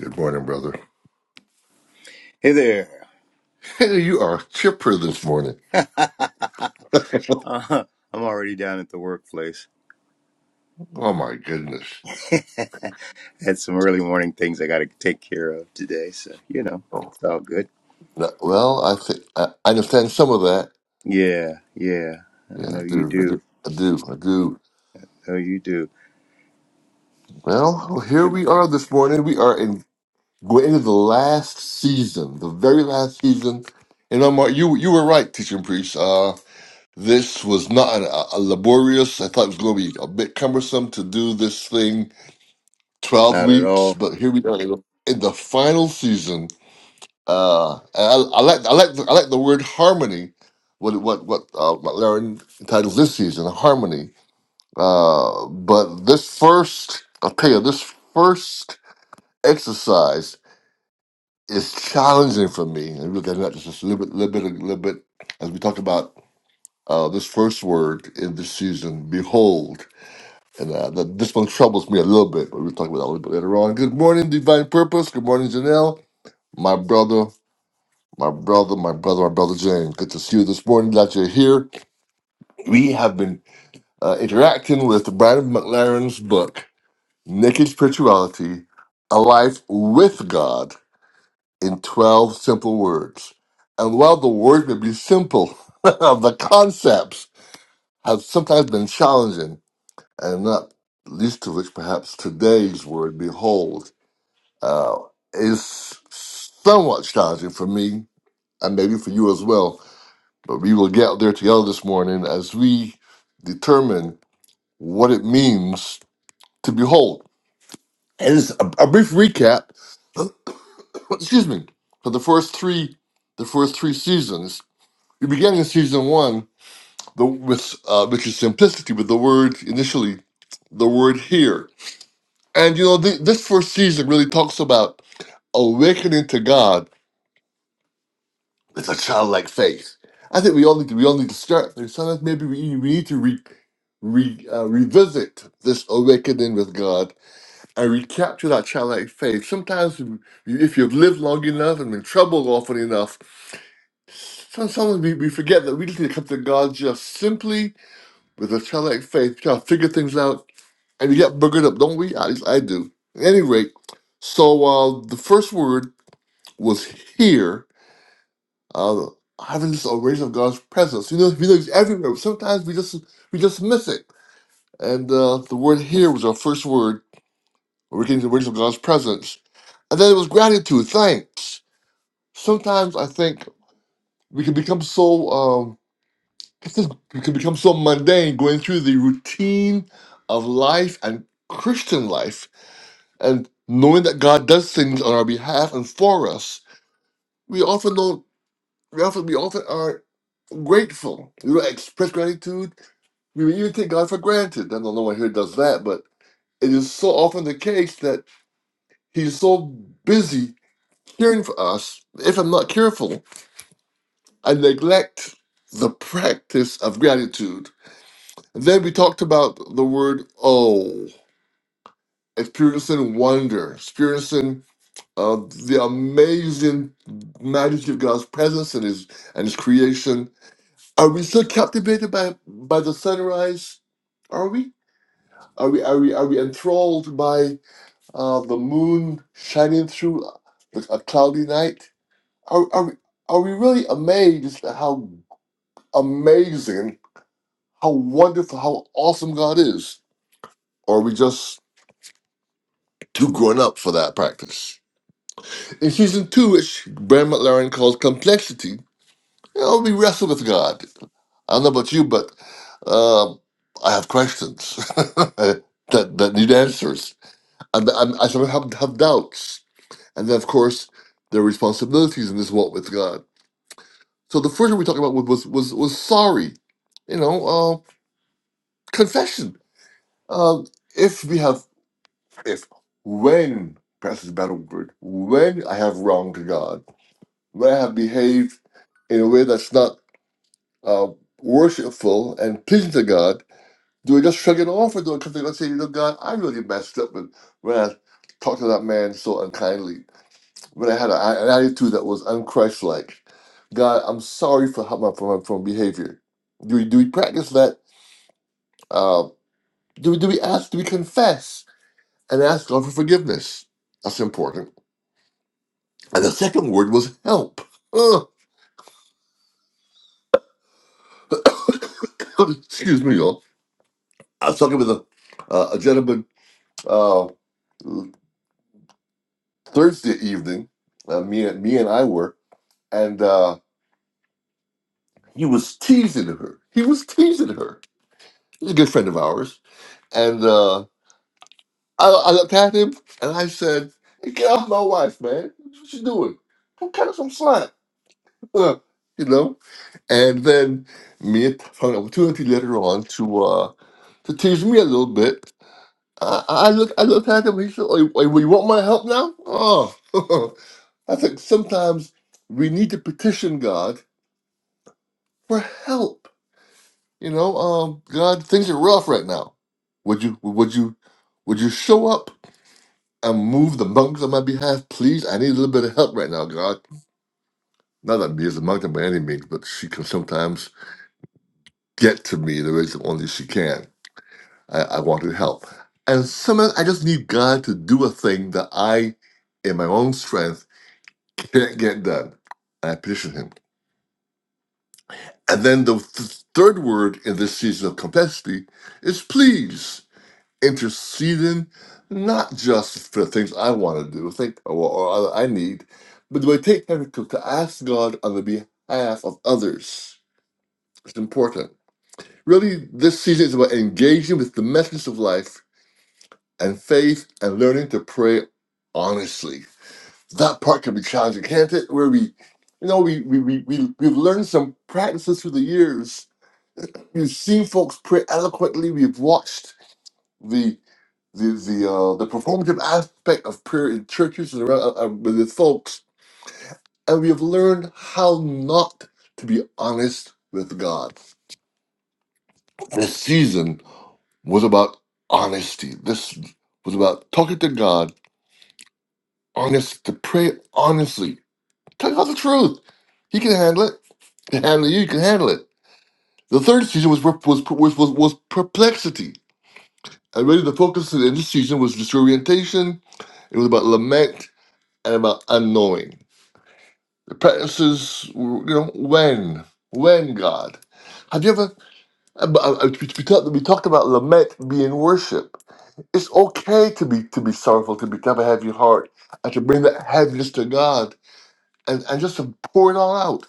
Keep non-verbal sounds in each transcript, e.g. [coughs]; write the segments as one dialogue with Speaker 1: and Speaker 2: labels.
Speaker 1: Good morning, brother.
Speaker 2: Hey there.
Speaker 1: [laughs] you are chipper this morning.
Speaker 2: [laughs]
Speaker 1: [laughs] oh
Speaker 2: Uh, I'm already down at the workplace.
Speaker 1: my goodness.
Speaker 2: [laughs] Had some early morning things I got to take care of today, so you know
Speaker 1: Oh,
Speaker 2: it's all good.
Speaker 1: no- well, I think I I understand some of that.
Speaker 2: Yeah, yeah. I
Speaker 1: Yeah,
Speaker 2: know
Speaker 1: I
Speaker 2: you
Speaker 1: do. I
Speaker 2: do.
Speaker 1: do. I do. I do.
Speaker 2: No, you do.
Speaker 1: Well, here we are this morning. We are in going into the last season, the very last season. And Omar, you you were right, teaching priest. Uh, this was not an, a, a laborious. I thought it was going to be a bit cumbersome to do this thing twelve
Speaker 2: Not at
Speaker 1: weeks,
Speaker 2: all.
Speaker 1: but here we are in the, in the final season Uh, I, I like I like the, I like the word harmony. What what what uh, what Larry entitles this season harmony. Uh, but this first, I'll tell you, this first exercise is challenging for me. And we'll get into that just a little bit, little bit, little bit as we talked about uh, this first word in this season. Behold. And uh, the, this one troubles me a little bit, but we'll talk about that a little bit later on. Good morning, Divine Purpose. Good morning, Janelle. My brother my brother, my brother, my brother James. Good to see you this morning that you're here. We have been uh, interacting with Brandon McLaren's book, Naked Spirituality A Life with God in 12 Simple Words. And while the words may be simple, [laughs] the concepts have sometimes been challenging, and not least of which, perhaps today's word, behold, uh, is somewhat challenging for me and maybe for you as well. But we will get there together this morning as we determine what it means to behold. And it's a, a brief recap, [coughs] [clears throat] excuse me, for the first three, the first three seasons. We began in season one the, with uh, which is simplicity with the word initially, the word here. And you know th- this first season really talks about awakening to God It's a childlike faith. I think we all need to, we all need to start there. Sometimes maybe we, we need to re, re, uh, revisit this awakening with God and recapture that childlike faith. Sometimes, you- if you've lived long enough and been troubled often enough, some- sometimes we, we forget that we just need to come to God just simply with a childlike faith, try to figure things out, and we get boogered up, don't we? At least I do. At any rate, so uh, the first word was here uh, having this awareness of God's presence. You know, we know He's everywhere. Sometimes we just we just miss it. And uh, the word here was our first word. where We're getting the awareness of God's presence, and then it was gratitude, thanks. Sometimes I think we can become so um, [laughs] we can become so mundane going through the routine of life and Christian life, and knowing that God does things on our behalf and for us. We often don't. We often we often aren't grateful. We don't express gratitude We would even take God for granted. I don't know why here does that, but it is so often the case that He's so busy caring for us. If I'm not careful, I neglect the practice of gratitude. And then we talked about the word "oh," experiencing wonder, experiencing uh, the amazing majesty of God's presence and His and His creation. Are we still captivated by by the sunrise? Are we? Are we are we are we enthralled by? uh, the moon shining through like, a cloudy night. Are, are, we- are we really amazed at how amazing, how wonderful, how awesome God is? Or are we just too grown up for that practice? In season two, which Brian McLaren calls complexity, you know, we wrestle with God. I don't know about you, but um, I have questions [laughs] that, that need answers. And I, I sometimes have, have doubts. and then of course their responsibilities in this walk with God. So the first thing we talked about was was was, sorry, you know, uh, confession. Uh, if we have, if when perhaps is a better word, when I have wronged God, when I have behaved in a way that's not uh, worshipful and pleasing to God, do I just shrug it off or do I come to God and say, you know, God, I really messed up when when I talked to that man so unkindly? but I had a, an attitude that was unChrist-like. God, I'm sorry for how my for my for my behavior. Do we do we practice that? Uh, do we do we ask? Do we confess and ask God for forgiveness? That's important. And the second word was help. Ugh. [coughs] excuse me, y'all. I was talking with a uh, a gentleman uh, Thursday evening. Uh, me and me and I were, and uh, he was teasing her. He was teasing her. He's a good friend of ours, and. Uh, I, I looked at him and I said, hey, "Get off my wife, man! What you doing? Don't cut her some slack." [laughs] you know. And then me found an opportunity later on to uh, to tease me a little bit. I, I looked I looked at him. He said, oh, you, oh, you want my help now?" Oh, [laughs] I think sometimes we need to petition God for help. You know, um, God, things are rough right now. Would you would you would you show up and move the mountains on my behalf, please. I need a little bit of help right now, God. Not that me as a mountain by any means, but she can sometimes get to me the way that only she can. I, I wanted help. And sometimes I just need God to do a thing that I, in my own strength, can't get done. And I petition Him. And then the th- third word in this season of complexity is please. interceding not just for things I want to do, think or, or I need, but do I take time to, to ask God on the behalf of others? It's important. Really, this season is about engaging with the message of life and faith and learning to pray honestly. That part can be challenging, can't it? Where we, you know, we, we, we, we, we've learned some practices through the years. We've seen folks pray eloquently. We've watched the. the the uh, the performative aspect of prayer in churches and around, uh, uh, with its folks, and we have learned how not to be honest with God. This season was about honesty. This was about talking to God, honest to pray honestly, tell God the truth. He can handle it. He can handle you. You can handle it. The third season was was was was, was perplexity. And really, the focus in this season was disorientation. It was about lament and about unknowing. practices, you know, when, when God. Have you ever, uh, uh, we, we talk, we talk about lament being worship. It's okay to be to be sorrowful, to, be, to have a heavy heart, and to bring that heaviness to God and, and just to pour it all out.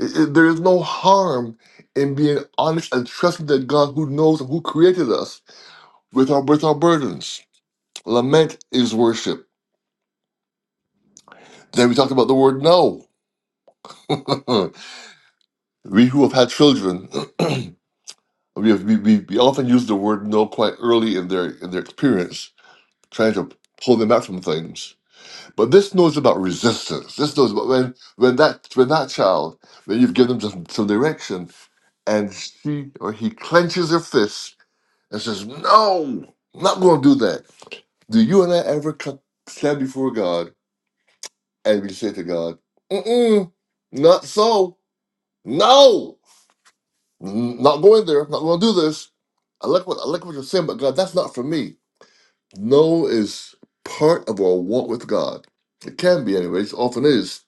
Speaker 1: I- I- there is no harm in being honest and trusting that God who knows and who created us with our, with our burdens. Lament is worship. Then we talked about the word no. [laughs] we who have had children [clears throat] we, we, we we often use the word no quite early in their in their experience, trying to pull them back from things. But this knows about resistance. This knows about when when that when that child, when you've given them some, some direction, and she or he clenches their fists and says, "No, I'm not going to do that." Do you and I ever co- stand before God and we say to God, "Mm-mm, not so, no, N- not going there, not going to do this." I like what I like what you're saying, but God, that's not for me. No is part of our walk with God. It can be, anyways, often is.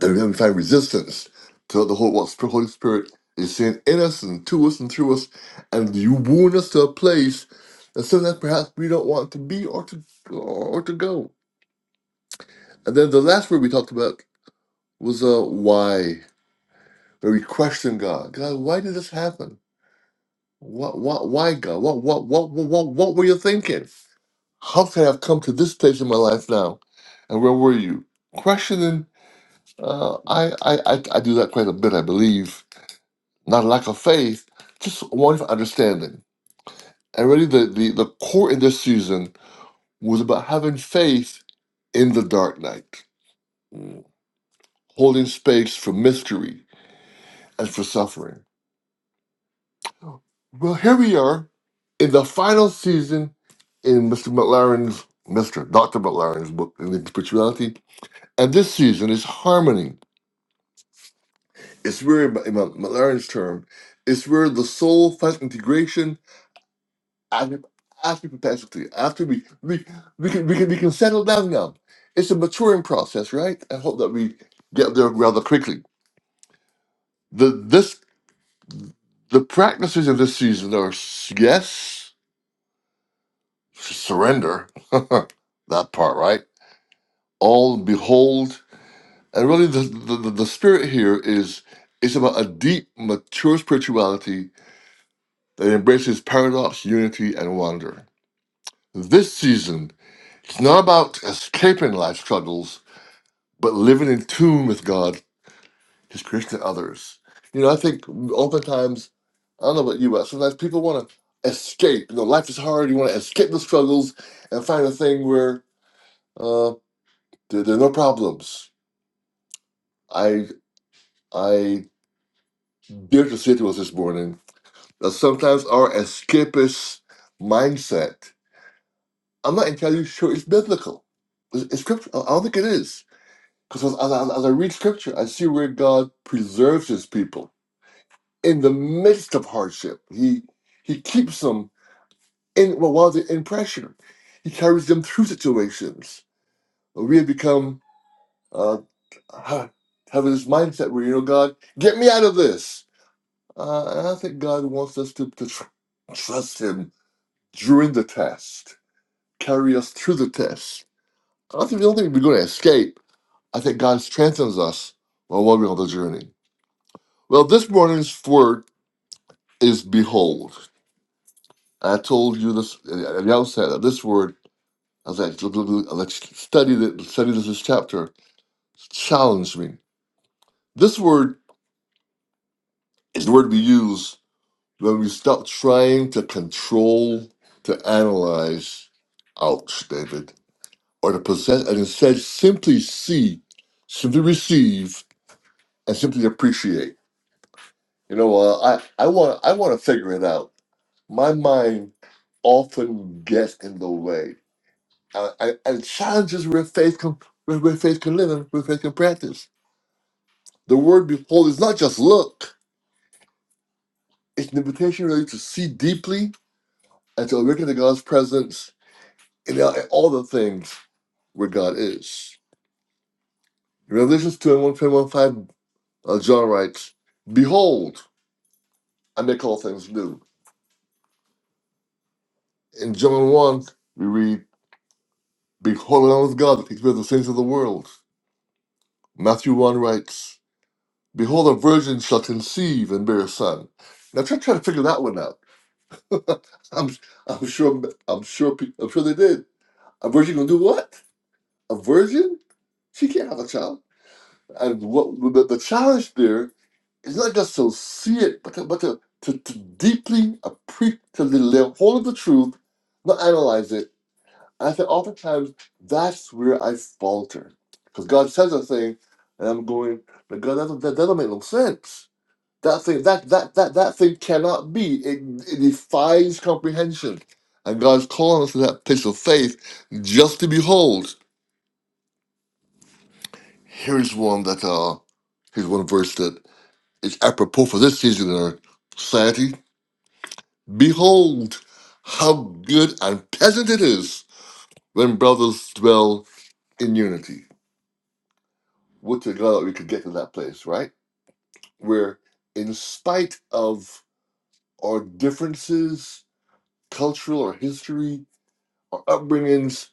Speaker 1: There we find resistance to the whole what the Holy Spirit is saying in us and to us and through us, and you wound us to a place that sometimes perhaps we don't want to be or to or to go. And then the last word we talked about was uh why, where we question God. God, why did this happen? What, what, why God? What, what, what, what, what, what were you thinking? How could I have come to this stage in my life now? And where were you? Questioning, uh, I, I, I, I do that quite a bit, I believe. Not a lack of faith, just a want of understanding. And really, the, the, the core in this season was about having faith in the dark night, Mm. holding space for mystery and for suffering. Well, here we are in the final season in Mr. McLaren's, Mr. Dr. McLaren's book, Living Spirituality. And this season is harmony. It's where, in Mc- McLaren's term, it's where the soul finds integration after, after perpetuity. After we, we, we, can, we, can, we can settle down now. It's a maturing process, right? I hope that we get there rather quickly. The, this, the practices of this season are yes. surrender [laughs] that part right all behold and really the, the the spirit here is it's about a deep mature spirituality that embraces paradox unity and wonder this season it's not about escaping life struggles but living in tune with god his creation and others you know i think oftentimes i don't know about you but sometimes people want to escape you know life is hard you want to escape the struggles and find a thing where uh, There, there are no problems. I I dear constituents this morning that sometimes our escapist mindset. I'm not entirely sure it's biblical. It's, it's scripture. I don't think it is because as, as, I- as I read scripture, I see where God preserves His people in the midst of hardship. He He keeps them in well, while they're in pressure. He carries them through situations. We have become uh, having this mindset where you know God, get me out of this Uh, and I think God wants us to, to tr- trust Him during the test, carry us through the test. I don't think, I don't think we're going to escape. I think God strengthens us while we're on the journey. Well, this morning's word is behold. I told you this at the outset that this word, as I, as I studied it, studied this chapter, challenged me. This word is the word we use when we stop trying to control, to analyze. Ouch, David or to possess, and instead simply see, simply receive, and simply appreciate. You know, uh, I I want I want to figure it out. My mind often gets in the way, uh, and, and challenges where faith can where, where faith can live and where faith can practice. The word "behold" is not just look; it's an invitation really to see deeply and to awaken to God's presence in all in all the things where God is. In Revelations two and one, uh, John writes, "Behold." and they call things new. In John 1, we read, Behold, the Lamb of God that takes away the sins of the world. Matthew 1 writes, Behold, a virgin shall conceive and bear a son. Now try, try to figure that one out. I'm, I'm sure, I'm sure, pe- I'm sure they did. A virgin gonna do what? A virgin? She can't have a child. And what the, the challenge there is not just to see it, but to, but to, to, to deeply appreciate, to lay hold of the truth, not analyze it, And I think oftentimes that's where I falter. Because God says a thing, and I'm going, but God, that, that, that don't make no sense. That thing, that that that that thing cannot be. It, it defies comprehension. And God's calling us to that place of faith just to behold. Here's one that uh here's one verse that is apropos for this season in our society. Behold how good and pleasant it is when brothers dwell in unity. would to God we could get to that place, right? Where, in spite of our differences, cultural or history, our upbringings,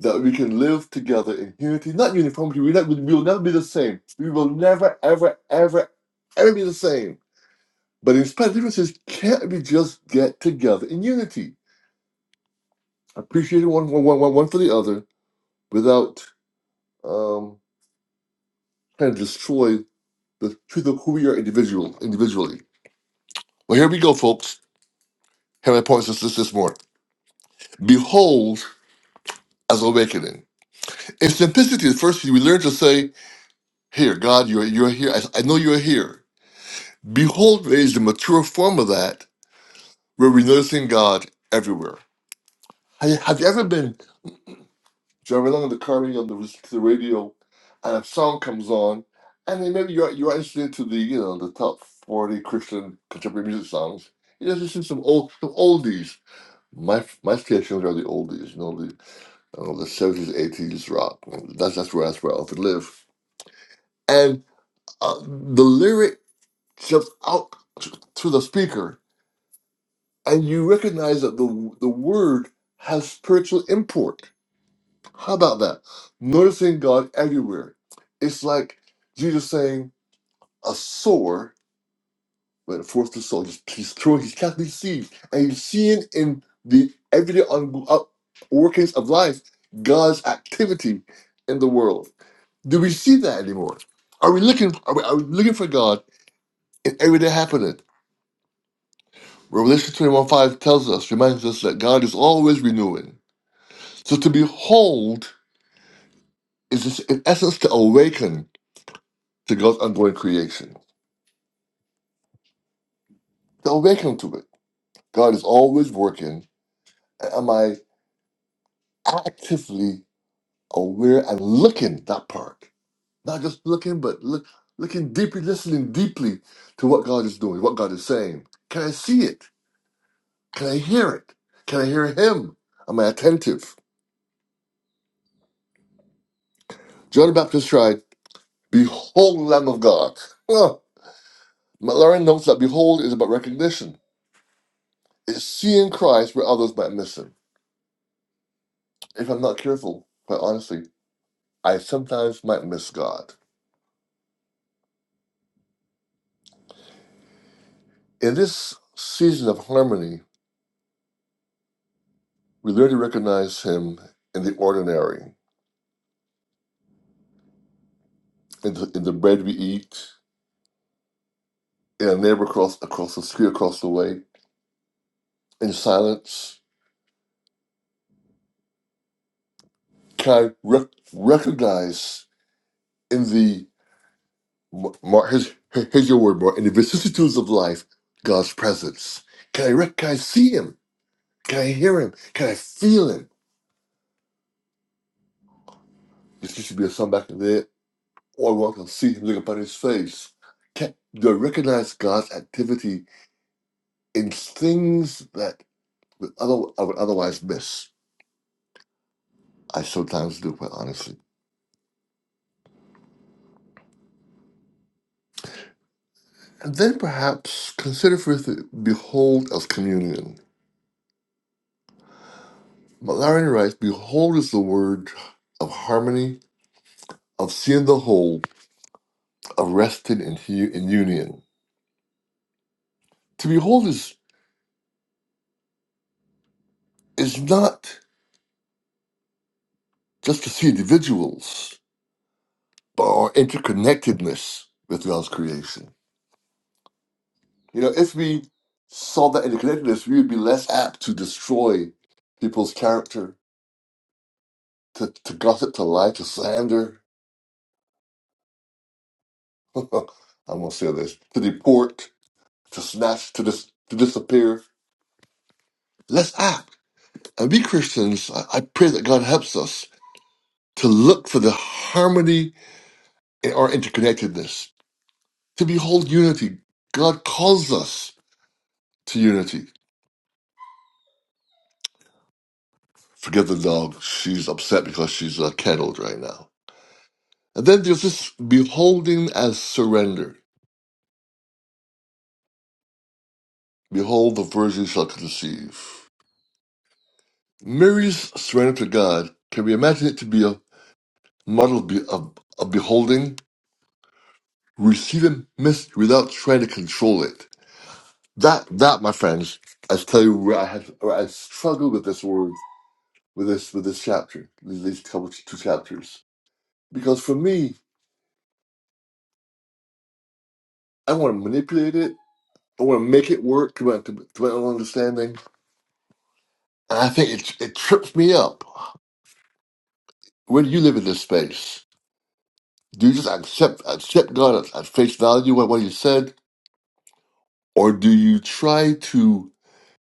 Speaker 1: that we can live together in unity, not uniformity. We, not, we will never be the same. We will never, ever, ever, ever be the same. But in spite of differences, can't we just get together in unity, appreciating one, one, one, one, one for the other, without um, trying to destroy the truth of who we are individual, individually? Well, here we go, folks. Henry points us this this morning. Behold as awakening. In simplicity, at first we learn to say, Here, God, you're, you're here. I, I know you're here. Behold is the mature form of that, where we're noticing God everywhere. Have you, have you ever been driving along in the car and on the, the radio and a song comes on, and then maybe you're, you're listening to the, you know, the top 40 Christian contemporary music songs. You just listen to some old some oldies. My my stations are the oldies, you know, the. Oh, the 70s, 80s rock. That's that's where that's where I often live. And uh, the lyric jumps out t- to the speaker, and you recognize that the the word has spiritual import. How about that? Noticing God everywhere. It's like Jesus saying a sower, when it the soul, he's, he's throwing, he's casting seeds, and he's seeing in the everyday on, uh, workings of life God's activity in the world Do we see that anymore? Are we looking? Are we, are we looking for God in everyday happening? Revelation twenty-one five tells us, reminds us that God is always renewing. So to behold is this, in essence to awaken to God's ongoing creation, to awaken to it. God is always working. And Am I actively aware and looking that part? Not just looking, but look, looking deeply, listening deeply to what God is doing, what God is saying. Can I see it? Can I hear it? Can I hear him? Am I attentive? John the Baptist cried, Behold, Lamb of God. Well, McLaren notes that behold is about recognition. It's seeing Christ where others might miss him. If I'm not careful, quite honestly, I sometimes might miss God. In this season of harmony, we learn to recognize him in the ordinary, in the, in the bread we eat, in a neighbor across, across the street, across the way, in silence. Can I rec- recognize in the Ma- Mark, here's, here- here's your word, Mark. In the vicissitudes of life, God's presence. Can I rec- can I see Him? Can I hear Him? Can I feel Him? This used to be a song back in the day. All I want to see Him, look upon His face. Can, do I recognize God's activity in things that would other, I would otherwise miss? I sometimes do, quite honestly. And then perhaps consider for the behold of communion. Malarian writes, "Behold is the word of harmony, of seeing the whole." arrested in, hu- in union. To behold is, is not just to see individuals, but our interconnectedness with God's creation. You know, if we saw that interconnectedness, we would be less apt to destroy people's character, to, to gossip, to lie, to slander. [laughs] I'm going to say this to deport, to snatch, to, dis- to disappear. Less apt. And we Christians, I, I pray that God helps us to look for the harmony in our interconnectedness to behold unity. God calls us to unity. Forget the dog. She's upset because she's uh, kettled right now. And then there's this beholding as surrender. Behold, the virgin shall conceive. Mary's surrender to God can we imagine it to be a model be- of, of beholding, receiving mystery without trying to control it. That, that, my friends, I tell you where I have, where I struggled with this word, with this, with this chapter, these these couple two chapters because for me I want to manipulate it. I want to make it work to my, to, to my own understanding. And I think it it trips me up. Where do you live in this space? Do you just accept accept God at, at face value what what He said, or do you try to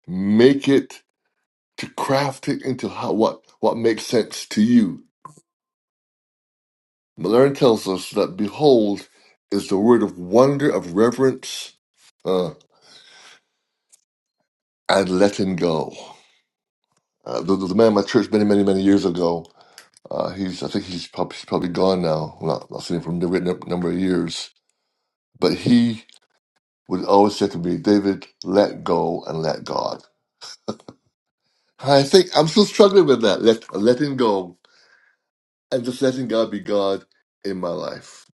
Speaker 1: make it to craft it into how what what makes sense to you? Malern tells us that behold is the word of wonder of reverence uh, and letting go. Uh, there was a man in my church many, many, many years ago Uh, he's I think he's probably, he's probably gone now. Well, I've seen him for a number number of years. But he would always say to me, David, let go and let God. I think I'm still struggling with that, let, letting go and just letting God be God in my life.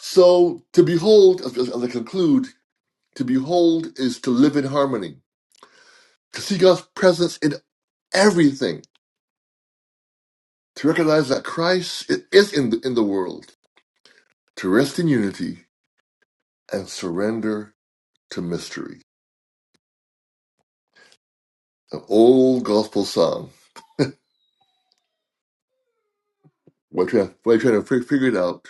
Speaker 1: So to behold, as, as I conclude, to behold is to live in harmony, to see God's presence in everything, to recognize that Christ is in the, in the world, to rest in unity and surrender to mystery. An old gospel song. While you're trying, while you're trying to fi- figure it out,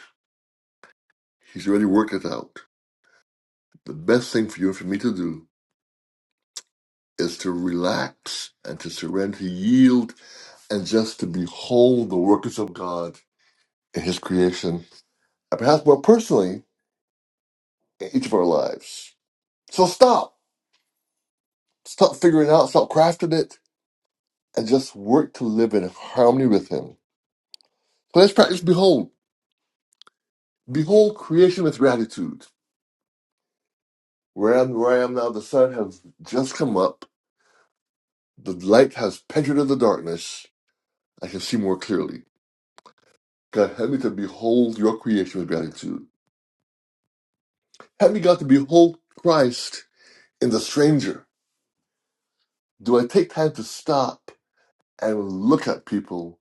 Speaker 1: he's already worked it out. The best thing for you and for me to do is to relax and to surrender, to yield, and just to behold the workings of God in his creation, and perhaps more personally, in each of our lives. So stop. Stop figuring it out, stop crafting it, and just work to live in harmony with him. So let's practice behold. Behold creation with gratitude. Where I am, where I am now, the sun has just come up The light has penetrated the darkness. I can see more clearly. God, help me to behold your creation with gratitude. Help me, God, to behold Christ in the stranger. Do I take time to stop and look at people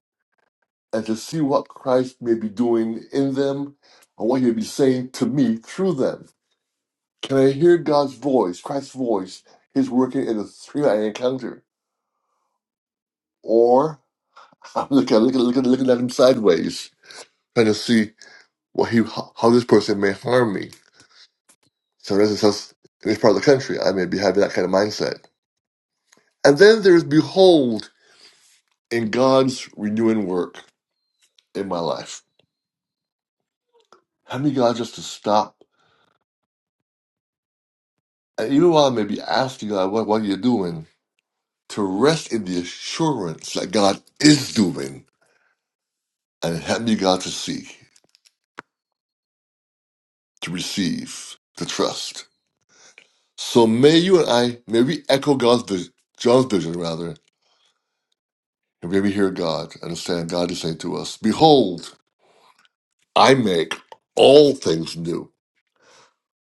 Speaker 1: and to see what Christ may be doing in them and what he may be saying to me through them? Can I hear God's voice, Christ's voice, his working in the three I encounter? Or [laughs] I'm looking, looking, looking, looking at him sideways, trying to see what he, how this person may harm me So as it says in this part of the country. I may be having that kind of mindset. And then there's behold in God's renewing work in my life. Having God just to stop, and even while I may be asking God, what, what are you doing? To rest in the assurance that God is doing and help me God to see, to receive, to trust. So may you and I, may we echo God's vision, John's vision rather, and may we hear God, understand God is saying to us, Behold, I make all things new.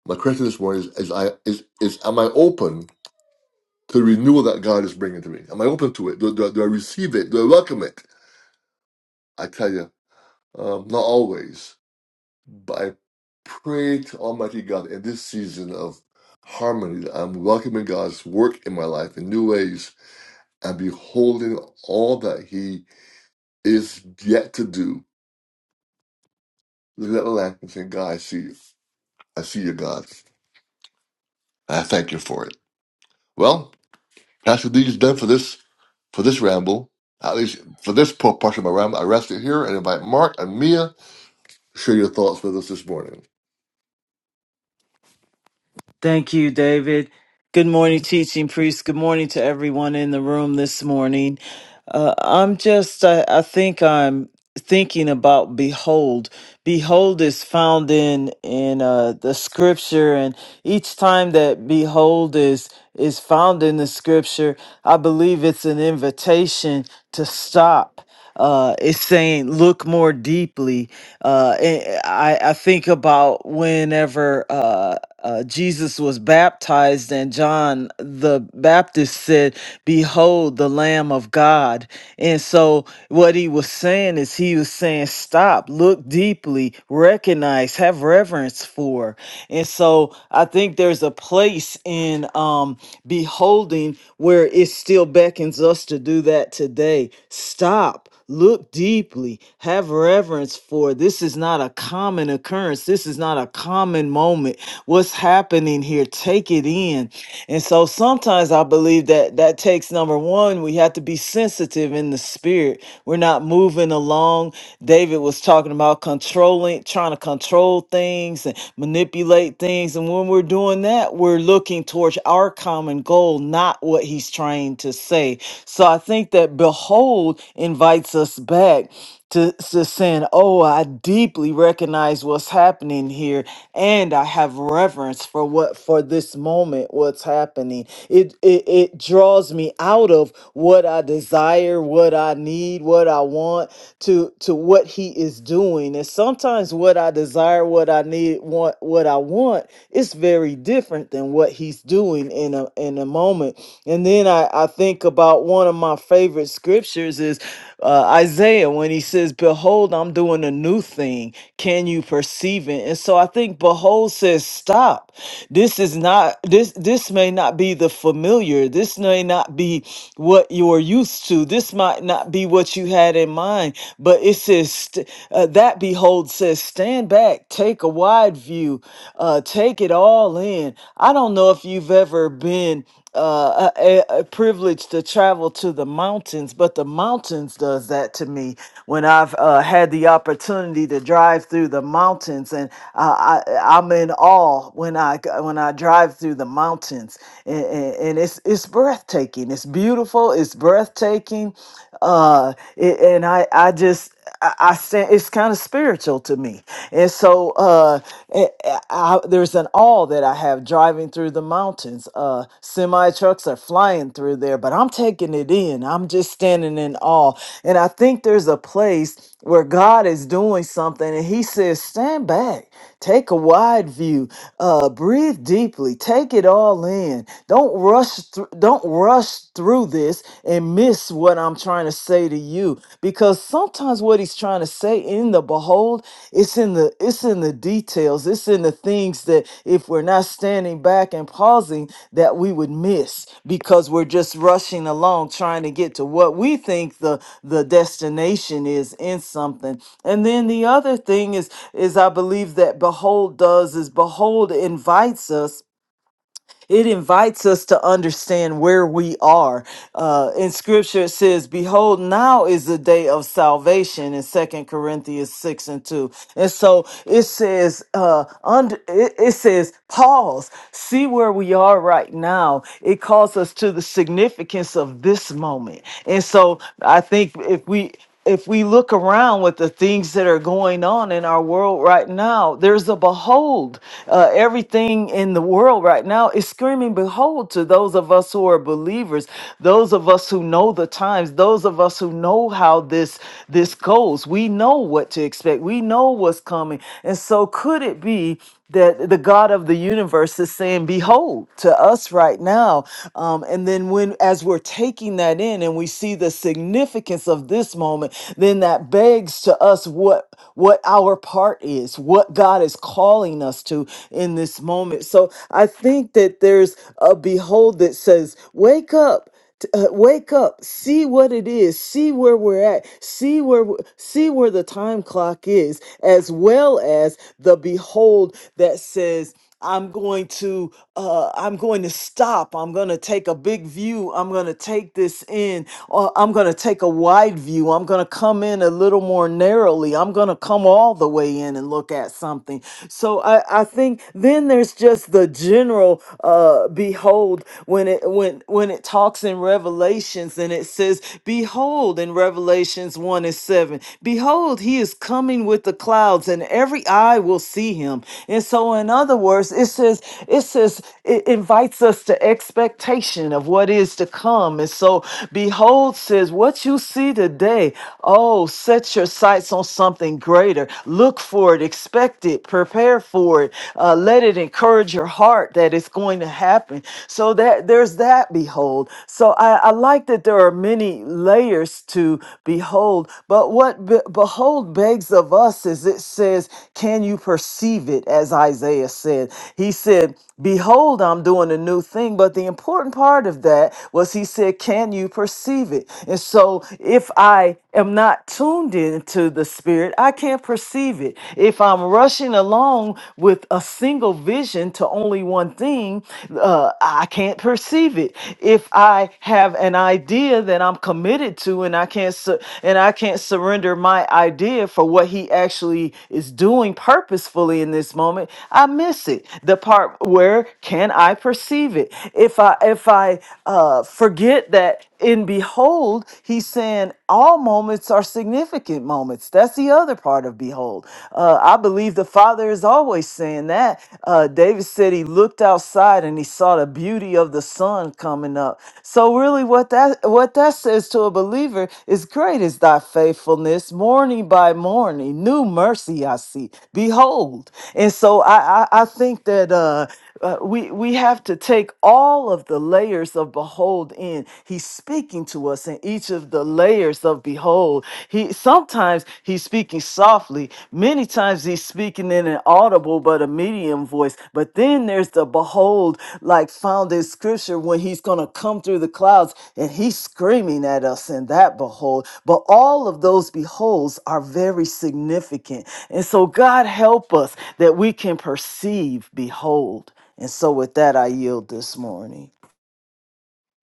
Speaker 1: My question this morning is, is I is is am I open to the renewal that God is bringing to me? Am I open to it? Do, do, do I receive it? Do I welcome it? I tell you, um, not always, but I pray to Almighty God in this season of harmony that I'm welcoming God's work in my life in new ways and beholding all that He is yet to do. Looking at the lamp and saying, God, I see you. I see you, God. And I thank you for it. Well, Pastor D is done for this For this ramble, at least for this portion of my ramble, I rest it here and invite Mark and Mia to share your thoughts with us this morning.
Speaker 3: Thank you, David. Good morning, teaching priest. Good morning to everyone in the room this morning. Uh, I'm just, I, I think I'm thinking about behold. Behold is found in in uh, the scripture, and each time that behold is is found in the scripture, I believe it's an invitation to stop. Uh, is saying look more deeply. Uh, and uh, I, I think about whenever uh, uh, Jesus was baptized, and John the Baptist said, Behold, the Lamb of God. And so, what he was saying is, he was saying, Stop, look deeply, recognize, have reverence parents for. And so I think there's a place in um, beholding where it still beckons us to do that today. Stop. Look deeply, have reverence for this is not a common occurrence. This is not a common moment. What's happening here? Take it in. And so sometimes I I believe that that takes number one, we have to be sensitive in the spirit. We're not moving along. David was talking about controlling, trying to control things and manipulate things. And when we're doing that, we're looking towards our common goal, not what he's trying to say. So I think that behold invites us back to, to saying, Oh, I deeply recognize what's happening here and I have reverence for what for this moment, what's happening. It it, it draws me out of what I desire, what I need, what I want to to what he is doing. And sometimes what I desire, what I need, want what I want is very different than what he's doing in a in a moment. And then I, I think about one of my favorite scriptures is uh, Isaiah when he says, Behold, I'm doing a new thing. Can you perceive it? And so I think behold says, Stop. This is not this this may not be the familiar. This may not be what you're used to. This might not be what you had in mind. But it says st- uh, that behold says, Stand back, take a wide view, uh, take it all in. I don't know if you've ever been uh, a, a a privilege to travel to the mountains, but the mountains does that to me when I've uh, had the opportunity to drive through the mountains, and I, I, I'm in awe when I g- when I drive through the mountains, and, and, and it's it's breathtaking. It's beautiful. It's breathtaking, uh, it, and I I just I, I stand. It's kind of spiritual to me so uh, eh, eh, I, there's an awe that I have driving through the mountains. Uh, Semi trucks are flying through there, but I'm taking it in. I'm just standing in awe. And I think there's a place where God is doing something and He says, Stand back, take a wide view, uh, breathe deeply, take it all in. Don't rush, through. don't rush through this and miss what I'm trying to say to you because sometimes what he's trying to say in the behold it's in the it's in the details it's in the things that if we're not standing back and pausing that we would miss because we're just rushing along trying to get to what we think the the destination is in something and then the other thing is is I believe that behold does is behold invites us it invites us to understand where we are. Uh, in scripture, it says, Behold, now is the day of salvation in Second Corinthians 6 and 2. And so it says, uh, under, it, it says, pause, see where we are right now. It calls us to the significance of this moment. And so I think if we, if we look around with the things that are going on in our world right now, there's a behold. Uh, everything in the world right now is screaming behold to those of us who are believers, those of us who know the times, those of us who know how this this goes. We know what to expect. We know what's coming. And so, could it be? that the God of the universe is saying, Behold, to us right now. Um, and then, when as we're taking that in and we see the significance of this moment, then that begs to us what what our part is, what God is calling us to in this moment. So I think that there's a behold that says, Wake up. T- uh, wake up see what it is see where we're at see where w- see where the time clock is as well as the behold that says i'm going to uh i'm going to stop i'm going to take a big view i'm going to take this in or i'm going to take a wide view i'm going to come in a little more narrowly i'm going to come all the way in and look at something so i i think then there's just the general uh behold when it when when it talks in revelations and it says behold in revelations 1 and 7 behold he is coming with the clouds and every eye will see him and so in other words it says it says it invites us to expectation of what is to come and so behold says what you see today oh set your sights on something greater look for for it, expect it, prepare for it, uh, let it encourage your heart that it's going to happen. So that there's that behold. So I, I like that there are many layers to behold, but what be- behold begs of us is it says, Can you perceive it? As Isaiah said, he said, Behold, I'm doing a new thing. But the important part of that was he said, Can you perceive it? And so if I I am not tuned into the spirit, I can't perceive it. If I'm rushing along with a single vision to only one thing, uh, I can't perceive it. If I have an idea that I'm committed to and I can't su- and I can't surrender my idea for what he actually is doing purposefully in this moment, I miss it. The part where can I perceive it? If I if I uh, forget that in behold he's saying all moments are significant moments that's the other part of behold uh, i believe the father is always saying that uh, david said he looked outside and he saw the beauty of the sun coming up so really what that what that says to a believer is great is thy faithfulness morning by morning new mercy i see behold and so i i, I think that uh uh, we we have to take all of the layers of behold in he's speaking to us in each of the layers of behold he sometimes he's speaking softly many times he's speaking in an audible but a medium voice but then there's the behold like found in scripture when he's going to come through the clouds and he's screaming at us in that behold but all of those beholds are very significant and so god help us that we can perceive behold and so, with that, I yield this morning.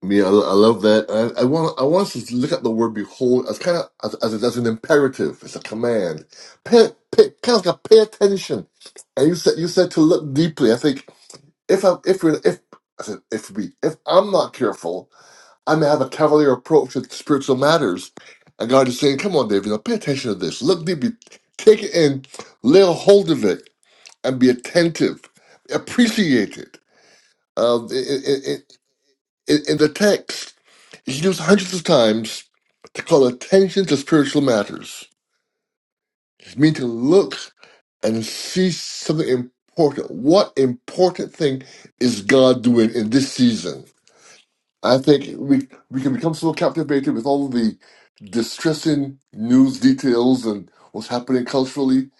Speaker 1: Mia, I, lo- I love that. And I, I want I want us to look at the word behold as kind of as, as, as an imperative. It's a command. Pay, pay, kind of like a pay attention. And you said you said to look deeply. I think if I if we if I said if we if I'm not careful i may have a cavalier approach to spiritual matters. And God is saying, come on, David, now pay attention to this. Look deeply, take it in, lay a hold of it, and be attentive. Appreciate it. Um, in, in, in the text, it's used hundreds of times to call attention to spiritual matters. It means to look and see something important. What important thing is God doing in this season? I think we we can become so captivated with all of the distressing news details and what's happening culturally.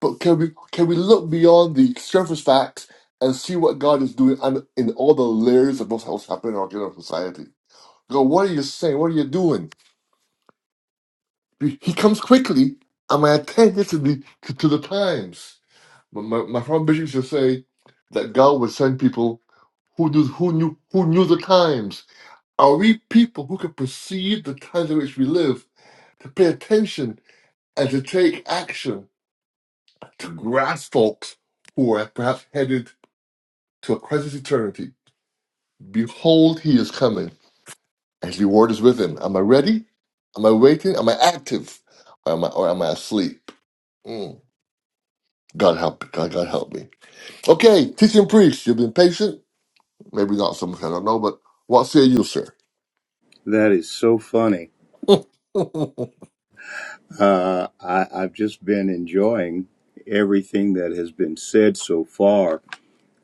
Speaker 1: But can we can we look beyond the surface facts and see what God is doing and in all the layers of what's what's happening in our general society? Go, what are you saying? What are you doing? He comes quickly, and my attention to the to, to the times. My my, my friend Bishop used to say that God would send people who knew who knew who knew the times Are we people who can perceive the times in which we live, to pay attention and to take action to grasp folks who are perhaps headed to a crisis eternity? Behold, he is coming, and his reward is with him. Am I ready? Am I waiting? Am I active? Or am I, or am I asleep? Mm. God help me. God, God help me. Okay, teaching priest, you've been patient. Maybe not so much, I don't know, but what say you, sir?
Speaker 2: That is so funny.
Speaker 1: [laughs] amen,
Speaker 2: Uh, I, I've just been enjoying everything that has been said so far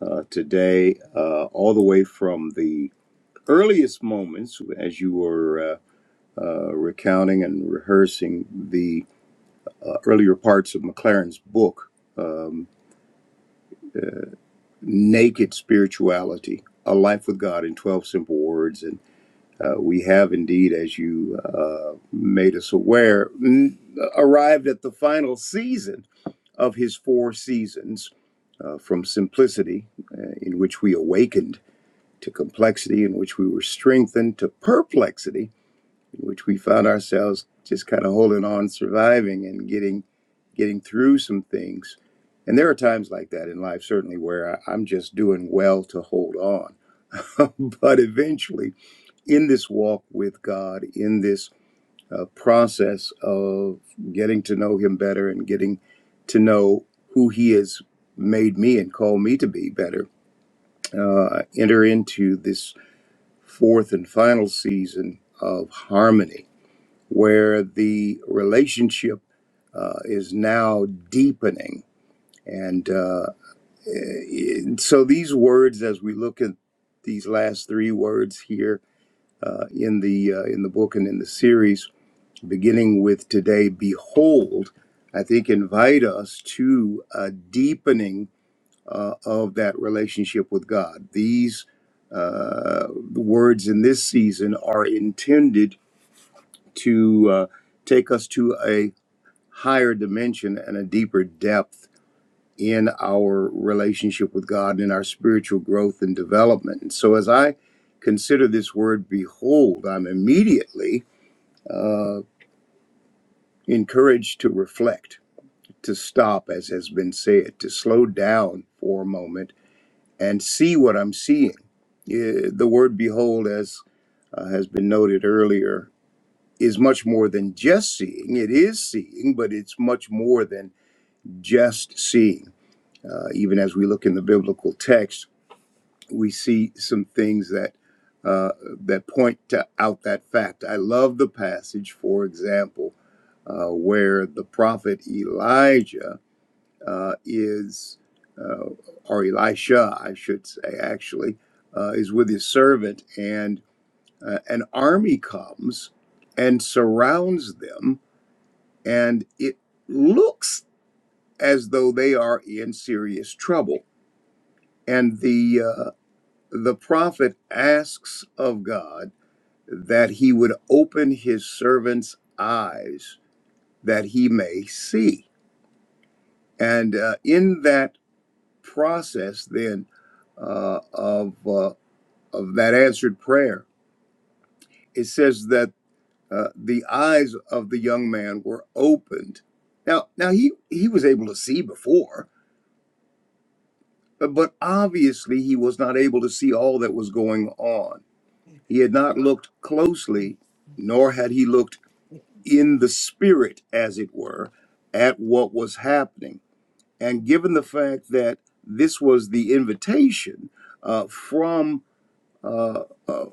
Speaker 2: uh, today, uh, all the way from the earliest moments as you were. uh, uh, recounting and rehearsing the uh, earlier parts of McLaren's book, um, Naked Spirituality A Life with God in 12 Simple Words. And uh, we have indeed, as you uh, made us aware, n- arrived at the final season of his four seasons uh, from simplicity, uh, in which we awakened, to complexity, in which we were strengthened, to perplexity, in which we found ourselves just kind of holding on, surviving, and getting getting through some things. And there are times like that in life, certainly, where I, I'm just doing well to hold on. [laughs] but eventually, in this walk with God, in this uh, process of getting to know Him better and getting to know who He has made me and called me to be better, uh, enter into this fourth and final season of harmony, where the relationship uh, is now deepening. And uh, And so these words, as we look at these last three words here uh, in the uh, in the book and in the series, beginning with today, behold, I think invite us to a deepening uh, of that relationship with God. These uh, words in this season are intended to uh, take us to a higher dimension and a deeper depth in our relationship with God, in our spiritual growth and development. And so, as I consider this word behold, I'm immediately uh, encouraged to reflect, to stop, as has been said, to slow down for a moment and see what I'm seeing. Eh, The word behold, as uh, has been noted earlier, is much more than just seeing. It is seeing, but it's much more than just seeing. Uh, even as we look in the biblical text, we see some things that uh, that point to, out that fact. I love the passage, for example, uh, where the prophet Elijah uh, is, uh, or Elisha, I should say, actually, uh, is with his servant, and uh, an army comes and surrounds them, and it looks as though they are in serious trouble. And the uh, the prophet asks of God that he would open his servant's eyes that he may see. And uh, in that process, then uh, of uh, of that answered prayer, it says that uh, the eyes of the young man were opened. Now, now he he was able to see before, but, but obviously he was not able to see all that was going on. He had not looked closely, nor had he looked in the spirit, as it were, at what was happening. And given the fact that this was the invitation uh, from uh, uh,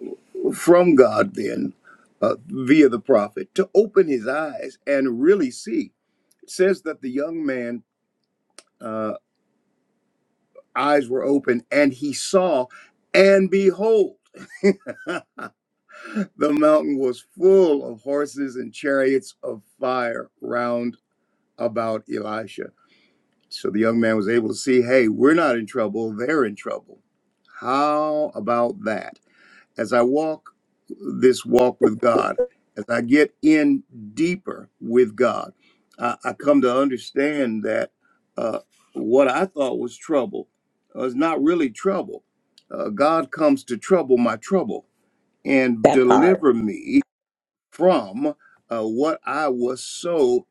Speaker 2: from God, then uh, via the prophet, to open his eyes and really see, it says that the young man uh, eyes were open and he saw, and behold. [laughs] the mountain was full of horses and chariots of fire round about Elisha. So the young man was able to see, hey, we're not in trouble, they're in trouble. How about that? As I walk this walk with God, as I get in deeper with God, I, I come to understand that uh, what I thought was trouble uh, is not really trouble. Uh, God comes to trouble my trouble and
Speaker 4: That part.
Speaker 2: deliver me from uh, what I was so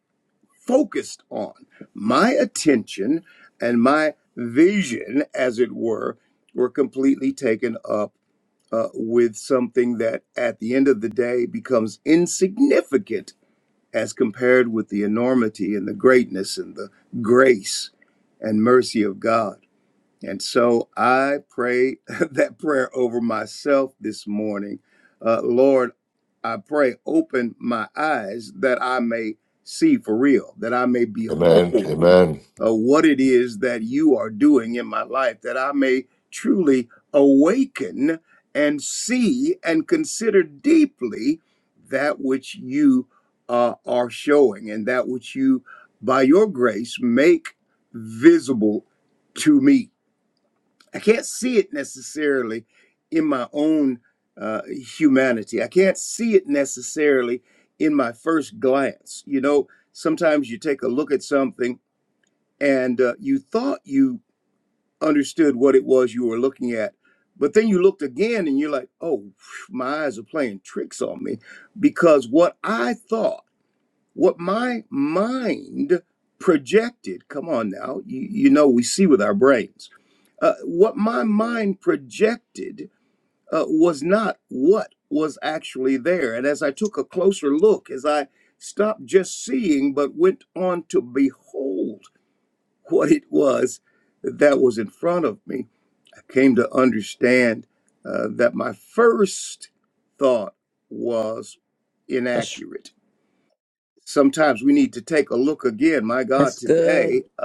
Speaker 2: focused on. My attention and my vision, as it were, were completely taken up uh, with something that at the end of the day becomes insignificant as compared with the enormity and the greatness and the grace and mercy of God. And so I pray [laughs] that prayer over myself this morning. Uh, Lord, I pray, open my eyes that I may see for real, that I may behold
Speaker 1: amen.
Speaker 2: uh, what it is that you are doing in my life, that I may truly awaken and see and consider deeply that which you uh, are showing and that which you, by your grace, make visible to me I can't see it necessarily in my own uh, humanity. I can't see it necessarily in my first glance. You know, sometimes you take a look at something and uh, you thought you understood what it was you were looking at, but then you looked again and you're like, oh, phew, my eyes are playing tricks on me because what I thought what my mind projected come on now you, you know we see with our brains uh, what my mind projected uh, was not what was actually there and as i took a closer look as i stopped just seeing but went on to behold what it was that was in front of me i came to understand uh, that my first thought was
Speaker 4: That's,
Speaker 2: inaccurate sometimes we need to take a look again, my God,
Speaker 4: that's good.
Speaker 2: today, uh,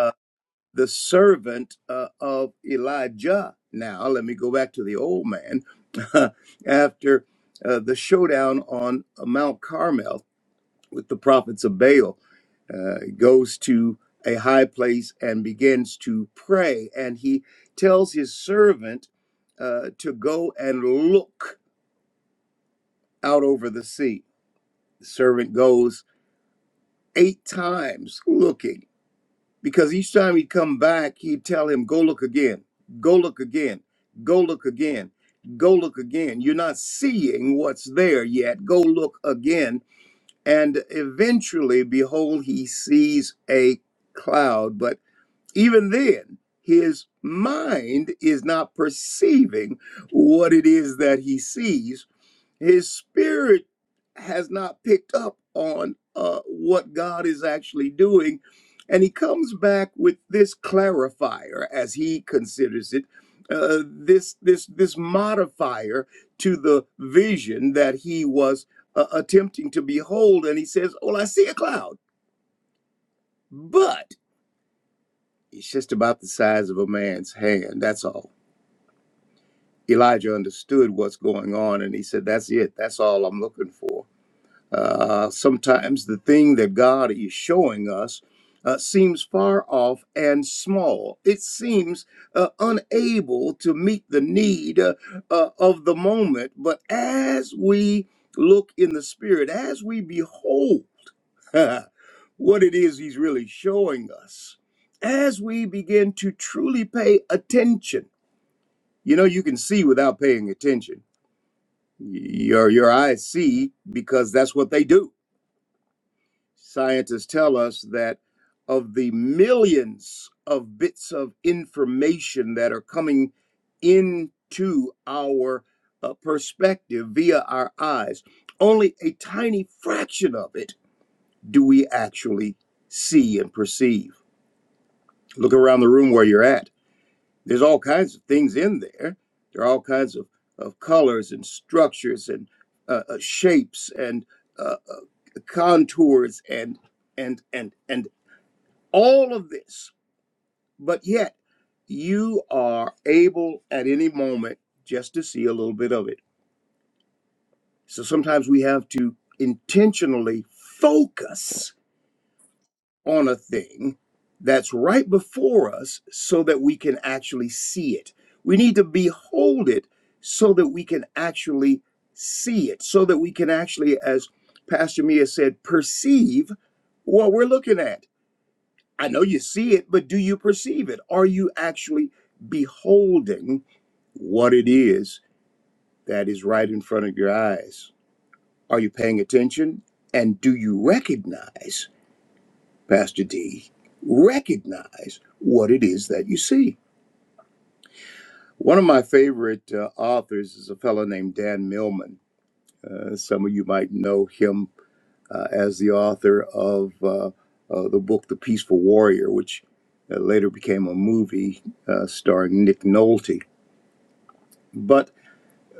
Speaker 2: the servant uh, of Elijah. Now, let me go back to the old man [laughs] after uh, the showdown on Mount Carmel with the prophets of Baal. Uh, he goes to a high place and begins to pray, and he tells his servant uh, to go and look out over the sea. The servant goes eight times looking because each time he'd come back, he'd tell him, Go look again, go look again, go look again, go look again. You're not seeing what's there yet. Go look again. And eventually, behold, he sees a cloud. But even then, his mind is not perceiving what it is that he sees his spirit has not picked up on uh, what God is actually doing. And he comes back with this clarifier, as he considers it, uh, this, this, this modifier to the vision that he was uh, attempting to behold. And he says, Well, I see a cloud, but it's just about the size of a man's hand. That's all. Elijah understood what's going on, and he said, That's it. That's all I'm looking for. Uh, sometimes the thing that God is showing us uh, seems far off and small. It seems uh, unable to meet the need uh, uh, of the moment. But as we look in the Spirit, as we behold [laughs] what it is He's really showing us, as we begin to truly pay attention, you know, you can see without paying attention. Your, your eyes see because that's what they do Scientists tell us that of the millions of bits of information that are coming into our uh, perspective via our eyes, only a tiny fraction of it do we actually see and perceive. Look around the room where you're at. There's all kinds of things in there. There are all kinds of, of colors and structures and uh, uh, shapes and uh, uh, contours and and and and all of this, but yet you are able at any moment just to see a little bit of it. So sometimes we have to intentionally focus on a thing that's right before us so that we can actually see it. We need to behold it so that we can actually see it, so that we can actually, as Pastor Mia said, perceive what we're looking at I know you see it, but do you perceive it? Are you actually beholding what it is that is right in front of your eyes? Are you paying attention? And do you recognize, Pastor D, recognize what it is that you see? One of my favorite uh, authors is a fellow named Dan Millman. Uh, some of you might know him uh, as the author of uh, uh, the book The Peaceful Warrior, which uh, later became a movie uh, starring Nick Nolte. But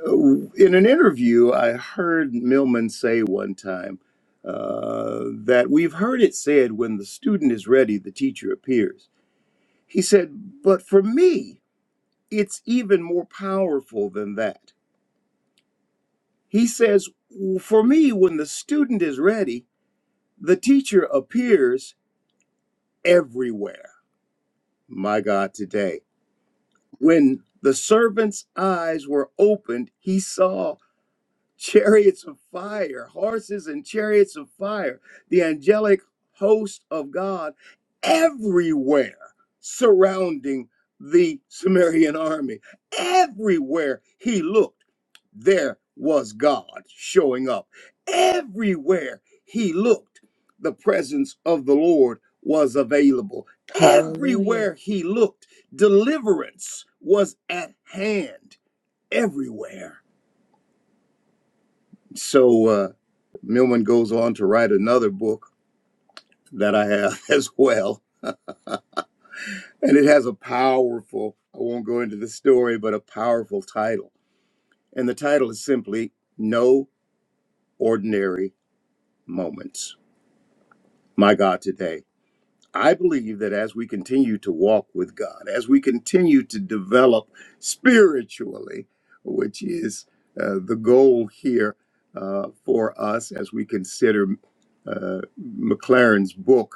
Speaker 2: uh, in an interview, I heard Millman say one time uh, that we've heard it said when the student is ready, the teacher appears. He said, But for me, it's even more powerful than that. He says, For me, when the student is ready, the teacher appears everywhere. my God, today. When the servant's eyes were opened, he saw chariots of fire, horses and chariots of fire, the angelic host of God everywhere surrounding the Sumerian army. Everywhere he looked, there was God showing up. Everywhere he looked, the presence of the Lord was available.
Speaker 4: Hallelujah.
Speaker 2: Everywhere he looked, deliverance was at hand. Everywhere. So uh, Millman goes on to write another book that I have [laughs] as well. And it has a powerful, I won't go into the story, but a powerful title. And the title is simply No Ordinary Moments. My God, today. I believe that as we continue to walk with God, as we continue to develop spiritually, which is uh, the goal here uh, for us as we consider uh, McLaren's book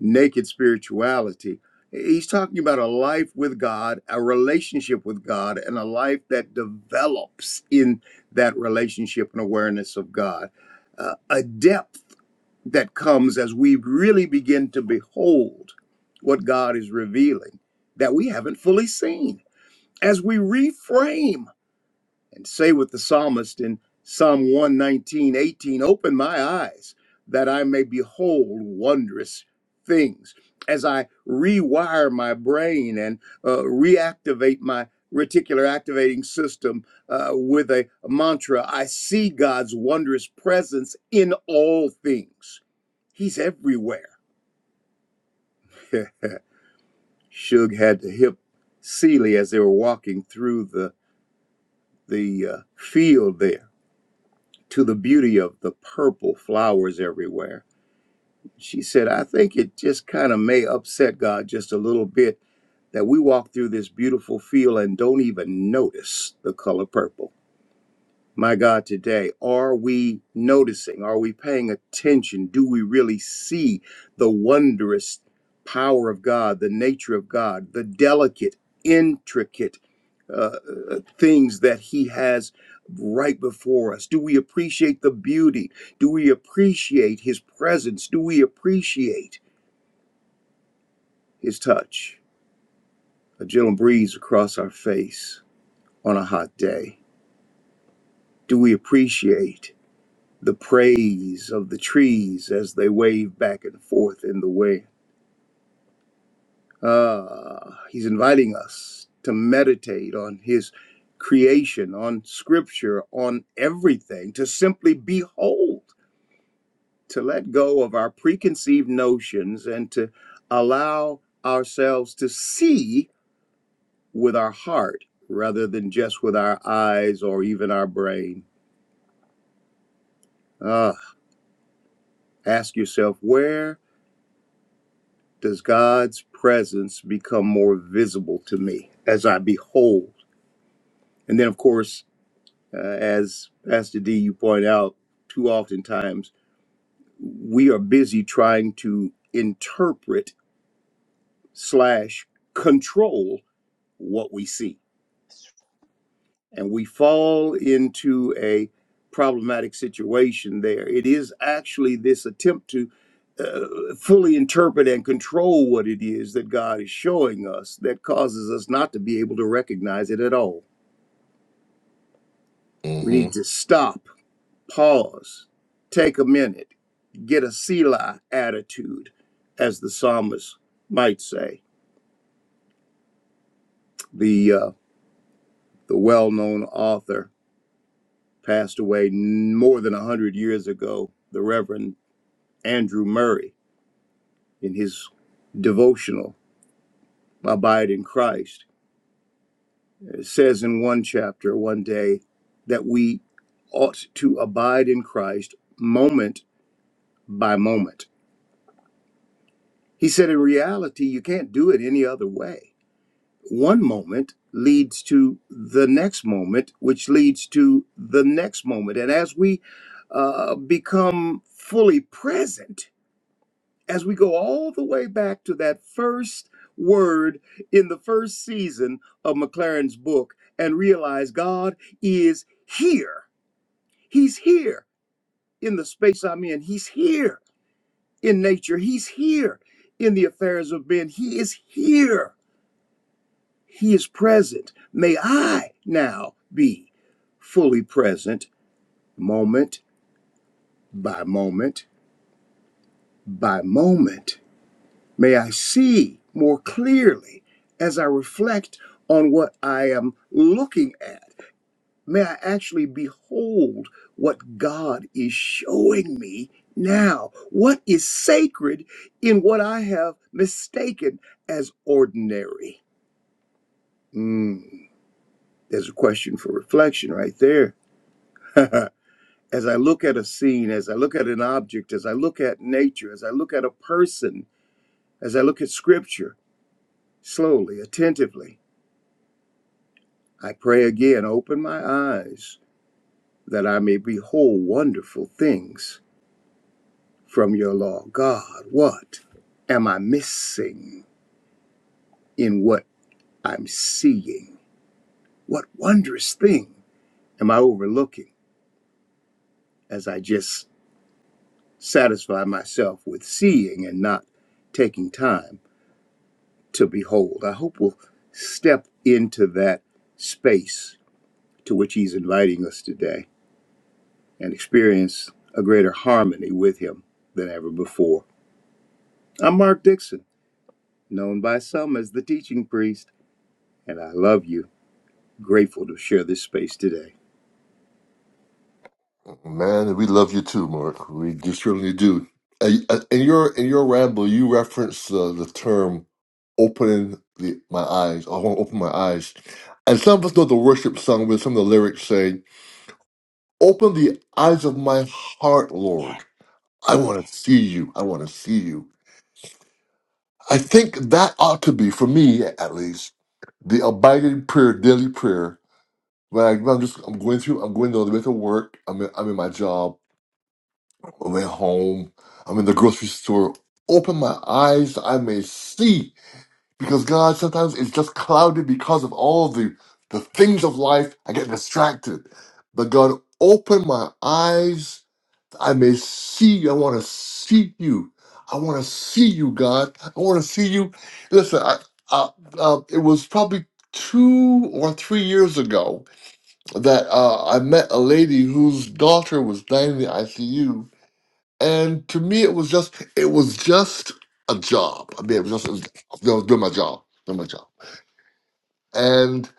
Speaker 2: naked spirituality. He's talking about a life with God, a relationship with God, and a life that develops in that relationship and awareness of God. Uh, a depth that comes as we really begin to behold what God is revealing that we haven't fully seen. As we reframe and say with the psalmist in Psalm one nineteen eighteen, Open my eyes that I may behold wondrous things. As I rewire my brain and uh, reactivate my reticular activating system uh, with a mantra, I see God's wondrous presence in all things. He's everywhere. [laughs] Shug had to hip Seely as they were walking through the the uh, field there to the beauty of the purple flowers everywhere. She said, I think it just kind of may upset God just a little bit that we walk through this beautiful field and don't even notice the color purple my God, today? Are we noticing? Are we paying attention? Do we really see the wondrous power of God, the nature of God, the delicate, intricate uh, uh, things that He has right before us? Do we appreciate the beauty? Do we appreciate His presence? Do we appreciate His touch? A gentle breeze across our face on a hot day. Do we appreciate? the praise of the trees as they wave back and forth in the wind. Ah, he's inviting us to meditate on his creation, on scripture, on everything, to simply behold, to let go of our preconceived notions and to allow ourselves to see with our heart rather than just with our eyes or even our brain. Ah, ask yourself, where does God's presence become more visible to me as I behold? And then, of course, uh, as Pastor D, you point out, too oftentimes we are busy trying to interpret slash control what we see and we fall into a problematic situation there. It is actually this attempt to uh, fully interpret and control what it is that God is showing us that causes us not to be able to recognize it at all. We
Speaker 1: Mhm.
Speaker 2: need to stop, pause, take a minute, get a Selah attitude, as the psalmist might say. The uh, the well-known author passed away more than a hundred years ago. The Reverend Andrew Murray in his devotional, Abide in Christ, says in one chapter one day that we ought to abide in Christ moment by moment. He said, in reality, you can't do it any other way. One moment leads to the next moment, which leads to the next moment. And as we uh, become fully present, as we go all the way back to that first word in the first season of McLaren's book and realize God is here. He's here in the space I'm in. He's here in nature. He's here in the affairs of men. He is here. He is present. May I now be fully present moment by moment by moment May I see more clearly as I reflect on what I am looking at. May I actually behold what God is showing me now. What is sacred in what I have mistaken as ordinary? Mm, there's a question for reflection right there. [laughs] as I look at a scene, as I look at an object, as I look at nature, as I look at a person, as I look at scripture, slowly, attentively. I pray again, open my eyes that I may behold wonderful things from your law. God, what am I missing in what I'm seeing? What wondrous thing am I overlooking as I just satisfy myself with seeing and not taking time to behold? I hope we'll step into that space to which He's inviting us today and experience a greater harmony with Him than ever before. I'm Mark Dixon, known by some as the teaching priest, and I love you. Grateful to share this space today.
Speaker 1: Man, we love you too, Mark. We just certainly do. Uh, uh, In your in your ramble, you reference uh, the term "opening the, my eyes." I want to open my eyes, and some of us know the worship song with some of the lyrics say, "Open the eyes of my heart, Lord. I want to see you. I want to see you." I think that ought to be, for me at least, the abiding prayer, daily prayer. When, I, when I'm just I'm going through, I'm going to the way to work. I'm in, I'm in my job. I went home. I'm in the grocery store. Open my eyes, I may see. Because God sometimes it's just clouded because of all the the things of life. I get distracted. But God, open my eyes, I may see. you. I want to see you. I want to see you, God. I want to see you. Listen, I, I, uh, it was probably two or three years ago that uh, I met a lady whose daughter was dying in the ICU and to me, it was just it was just a job. I mean, it was just it was, I was doing my job, doing my job. And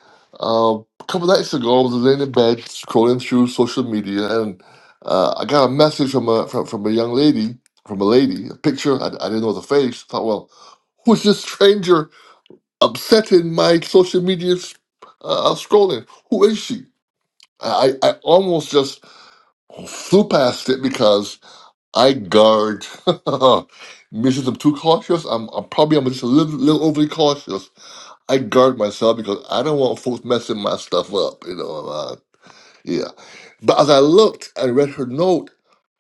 Speaker 1: uh, a couple nights ago, I was laying in bed scrolling through social media, and uh, I got a message from a from, from a young lady, from a lady, a picture. I, I didn't know the face. I thought, well, who's this stranger upsetting my social media s- uh, scrolling? Who is she? I, I almost just flew past it because. I guard. [laughs] Because I'm too cautious, I'm, I'm probably I'm just a little, little overly cautious. I guard myself because I don't want folks messing my stuff up, you know. Uh, yeah. But as I looked and read her note,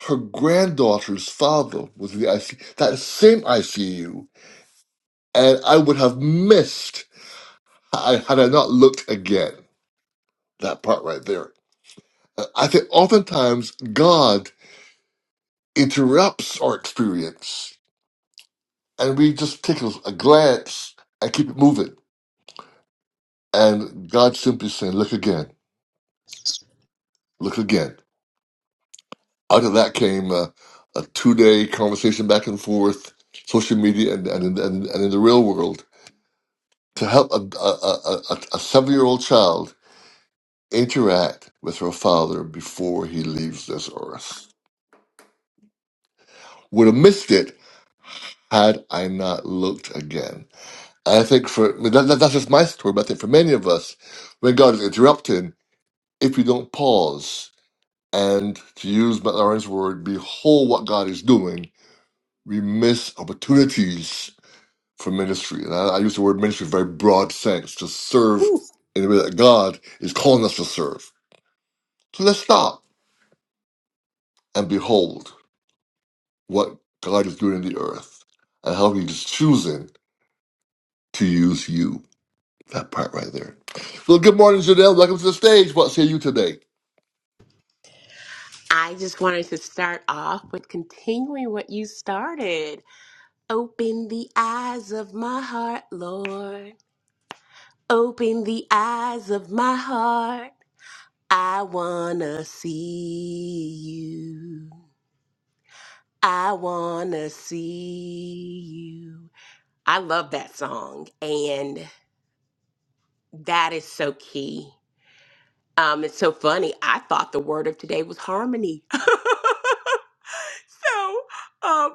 Speaker 1: her granddaughter's father was in the IC that same ICU, and I would have missed I, had I not looked again. That part right there. Uh, I think oftentimes God interrupts our experience and we just take a, a glance and keep it moving. And God simply saying, "Look again, look again." Out of that came uh, a two-day conversation back and forth, social media, and and and, and in the real world to help a, a, a, a a seven-year-old child interact with her father before he leaves this earth. Would have missed it had I not looked again. I think for I mean, that, that, that's just my story, but I think for many of us, when God is interrupting, if you don't pause. And to use Matt Lauren's word, behold what God is doing. We miss opportunities for ministry. And I, I use the word ministry in a very broad sense to serve
Speaker 4: Woo.
Speaker 1: in the way that God is calling us to serve. So let's stop and behold what God is doing in the earth and how he's choosing to use you. That part right there. So good morning, Janelle. Welcome to the stage. What say you today?
Speaker 4: I just wanted to start off with continuing what you started. Open the eyes of my heart, Lord. Open the eyes of my heart. I wanna see you. I wanna see you. I love that song, and that is so key. Um, it's so funny. I thought the word of today was harmony. [laughs] so um,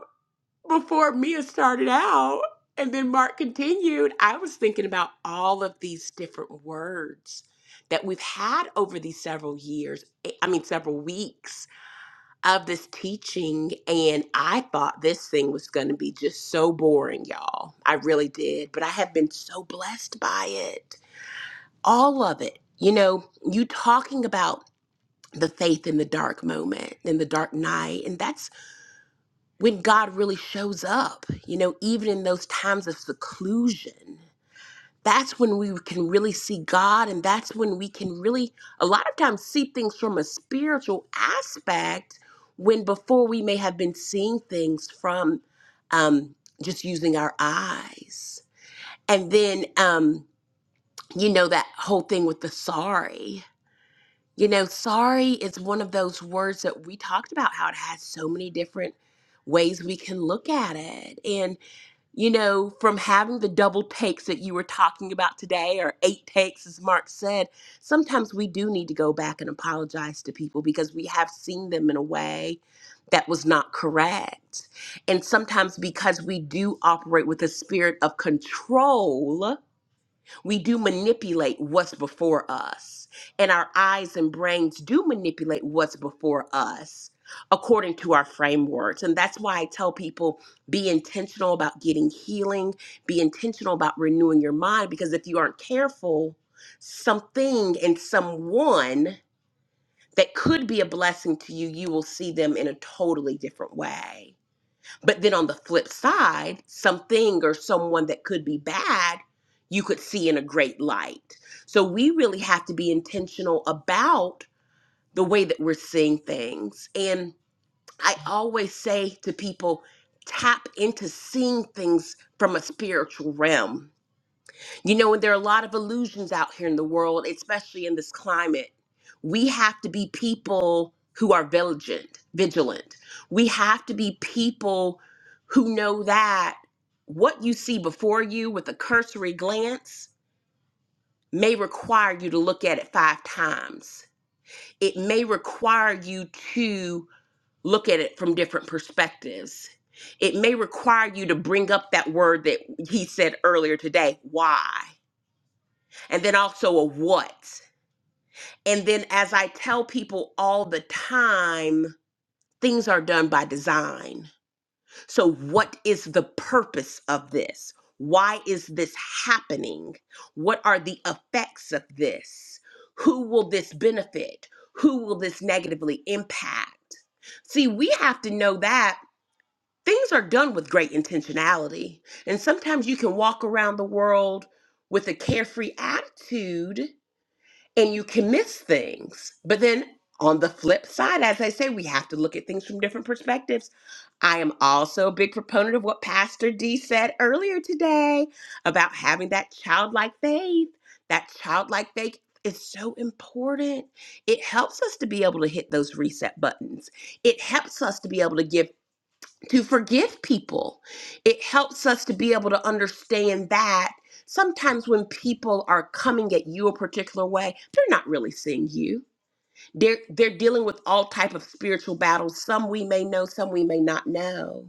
Speaker 4: before Mia started out and then Mark continued, I was thinking about all of these different words that we've had over these several years, eh, I mean, several weeks of this teaching. And I thought this thing was going to be just so boring, y'all. I really did. But I have been so blessed by it, all of it. You know, you talking about the faith in the dark moment, in the dark night. And that's when God really shows up, you know, even in those times of seclusion. That's when we can really see God. And that's when we can really, a lot of times, see things from a spiritual aspect when before we may have been seeing things from um, just using our eyes. And then, um, you know, that whole thing with the sorry. You know, sorry is one of those words that we talked about how it has so many different ways we can look at it. And, you know, from having the double takes that you were talking about today, or eight takes, as Mark said, sometimes we do need to go back and apologize to people because we have seen them in a way that was not correct. And sometimes because we do operate with a spirit of control we do manipulate what's before us, and our eyes and brains do manipulate what's before us according to our frameworks. And that's why I tell people be intentional about getting healing, be intentional about renewing your mind, because if you aren't careful, something and someone that could be a blessing to you, you will see them in a totally different way. But then on the flip side, something or someone that could be bad, you could see in a great light. So we really have to be intentional about the way that we're seeing things. And I always say to people, tap into seeing things from a spiritual realm you know, and there are a lot of illusions out here in the world, especially in this climate. We have to be people who are vigilant, vigilant. We have to be people who know that what you see before you with a cursory glance may require you to look at it five times. It may require you to look at it from different perspectives. It may require you to bring up that word that he said earlier today, why? and then also a what. And then, as I tell people all the time, things are done by design. So, what is the purpose of this? Why is this happening? What are the effects of this? Who will this benefit? Who will this negatively impact? See, we have to know that things are done with great intentionality. And sometimes you can walk around the world with a carefree attitude and you can miss things. But then on the flip side, as I say, we have to look at things from different perspectives. I am also a big proponent of what Pastor D said earlier today about having that childlike faith. That childlike faith is so important. It helps us to be able to hit those reset buttons. It helps us to be able to give to forgive people. It helps us to be able to understand that sometimes when people are coming at you a particular way, they're not really seeing you. They're they're dealing with all type of spiritual battles, some we may know, some we may not know.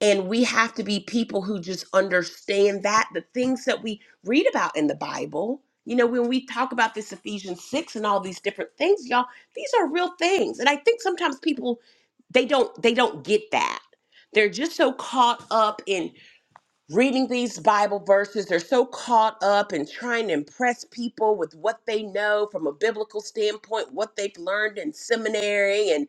Speaker 4: And we have to be people who just understand that the things that we read about in the Bible, you know, when we talk about this Ephesians 6 and all these different things, y'all, these are real things. And I think sometimes people they don't they don't get that. They're just so caught up in reading these Bible verses. They're so caught up in trying to impress people with what they know from a biblical standpoint, what they've learned in seminary, and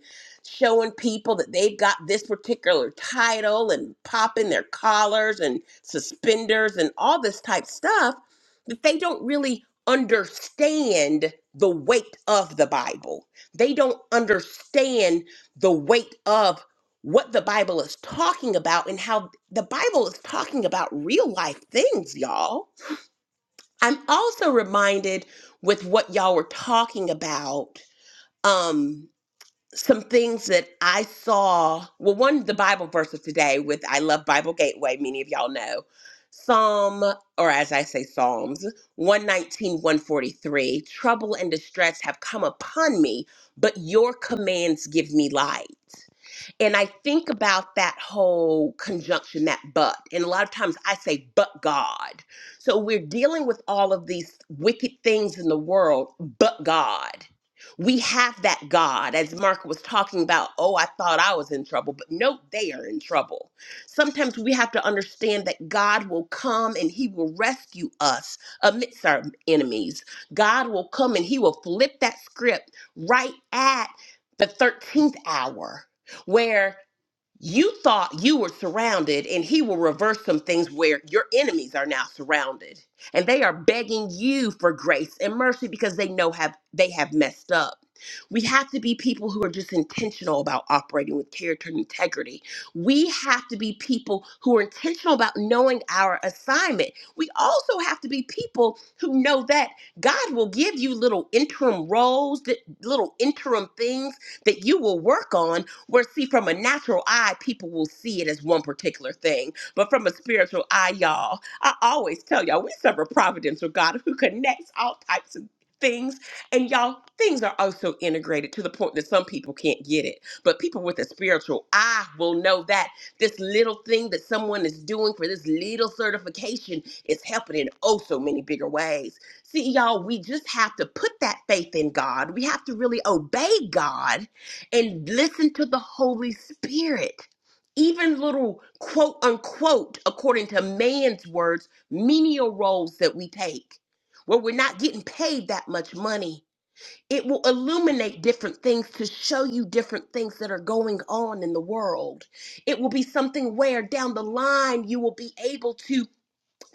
Speaker 4: showing people that they've got this particular title and popping their collars and suspenders and all this type stuff that they don't really understand the weight of the Bible. They don't understand the weight of what the Bible is talking about and how the Bible is talking about real life things, y'all. I'm also reminded with what y'all were talking about, um, some things that I saw. Well, one, the Bible verse of today with I Love Bible Gateway, many of y'all know. Psalm, or as I say, Psalms one nineteen one forty three. Trouble and distress have come upon me, but your commands give me light. And I think about that whole conjunction, that but. And a lot of times I say, but God. So we're dealing with all of these wicked things in the world, but God. We have that God, as Mark was talking about. Oh, I thought I was in trouble, but no, they are in trouble. Sometimes we have to understand that God will come and He will rescue us amidst our enemies. God will come and He will flip that script right at the 13th hour where you thought you were surrounded and he will reverse some things where your enemies are now surrounded and they are begging you for grace and mercy because they know have they have messed up we have to be people who are just intentional about operating with character and integrity we have to be people who are intentional about knowing our assignment we also have to be people who know that god will give you little interim roles that little interim things that you will work on where, see, from a natural eye, people will see it as one particular thing. But from a spiritual eye, y'all, I always tell y'all, we serve a providential God who connects all types of things. And y'all, things are also integrated to the point that some people can't get it. But people with a spiritual eye will know that this little thing that someone is doing for this little certification is helping in oh so many bigger ways. See, y'all, we just have to put that faith in God. We have to really obey God and listen to the Holy Spirit. Even little quote unquote, according to man's words, menial roles that we take, where we're not getting paid that much money. It will illuminate different things to show you different things that are going on in the world. It will be something where down the line you will be able to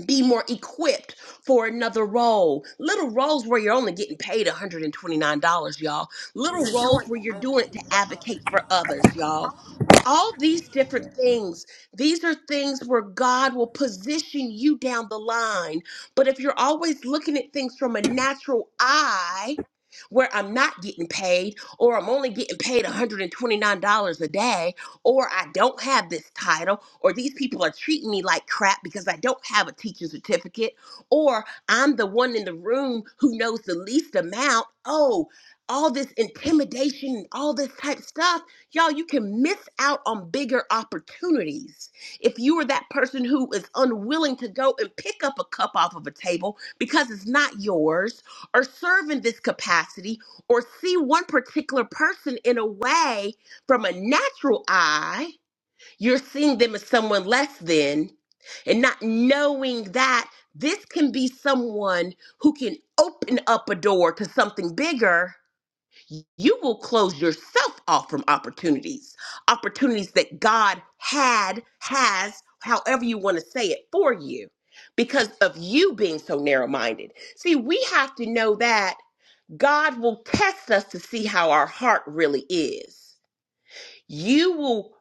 Speaker 4: be more equipped for another role. Little roles where you're only getting paid $129, y'all. Little roles where you're doing it to advocate for others, y'all. All these different things, these are things where God will position you down the line. But if you're always looking at things from a natural eye, where I'm not getting paid, or I'm only getting paid $129 a day, or I don't have this title, or these people are treating me like crap because I don't have a teacher's certificate, or I'm the one in the room who knows the least amount. Oh, all this intimidation, all this type stuff, y'all, you can miss out on bigger opportunities. If you are that person who is unwilling to go and pick up a cup off of a table because it's not yours, or serve in this capacity, or see one particular person in a way from a natural eye, you're seeing them as someone less than, and not knowing that this can be someone who can open up a door to something bigger. You will close yourself off from opportunities, opportunities that God had, has, however you want to say it for you, because of you being so narrow minded. See, we have to know that God will test us to see how our heart really is. You will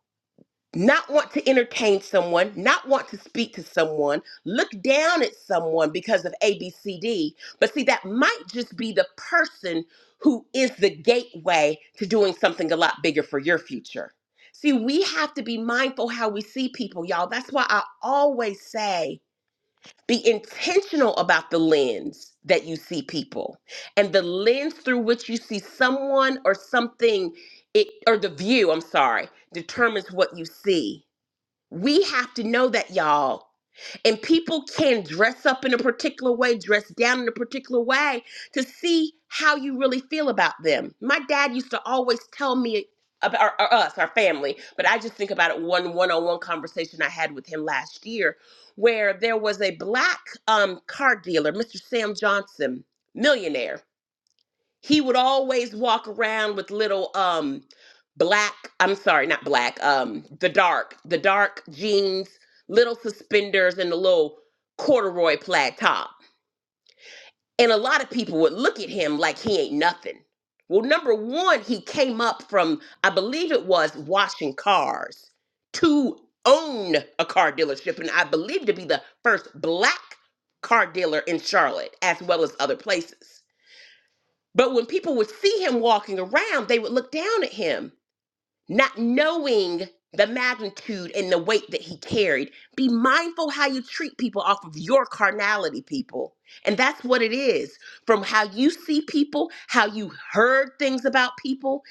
Speaker 4: not want to entertain someone, not want to speak to someone, look down at someone because of ABCD. But see, that might just be the person who is the gateway to doing something a lot bigger for your future. See, we have to be mindful how we see people, y'all. That's why I always say be intentional about the lens that you see people and the lens through which you see someone or something it or the view, I'm sorry, determines what you see. We have to know that, y'all. And people can dress up in a particular way, dress down in a particular way to see how you really feel about them. My dad used to always tell me about or, or us, our family, but I just think about it one one on one conversation I had with him last year where there was a black um, car dealer, Mr. Sam Johnson, millionaire he would always walk around with little um black i'm sorry not black um the dark the dark jeans little suspenders and the little corduroy plaid top and a lot of people would look at him like he ain't nothing well number one he came up from i believe it was washing cars to own a car dealership and i believe to be the first black car dealer in charlotte as well as other places but when people would see him walking around, they would look down at him, not knowing the magnitude and the weight that he carried. Be mindful how you treat people off of your carnality, people. And that's what it is from how you see people, how you heard things about people,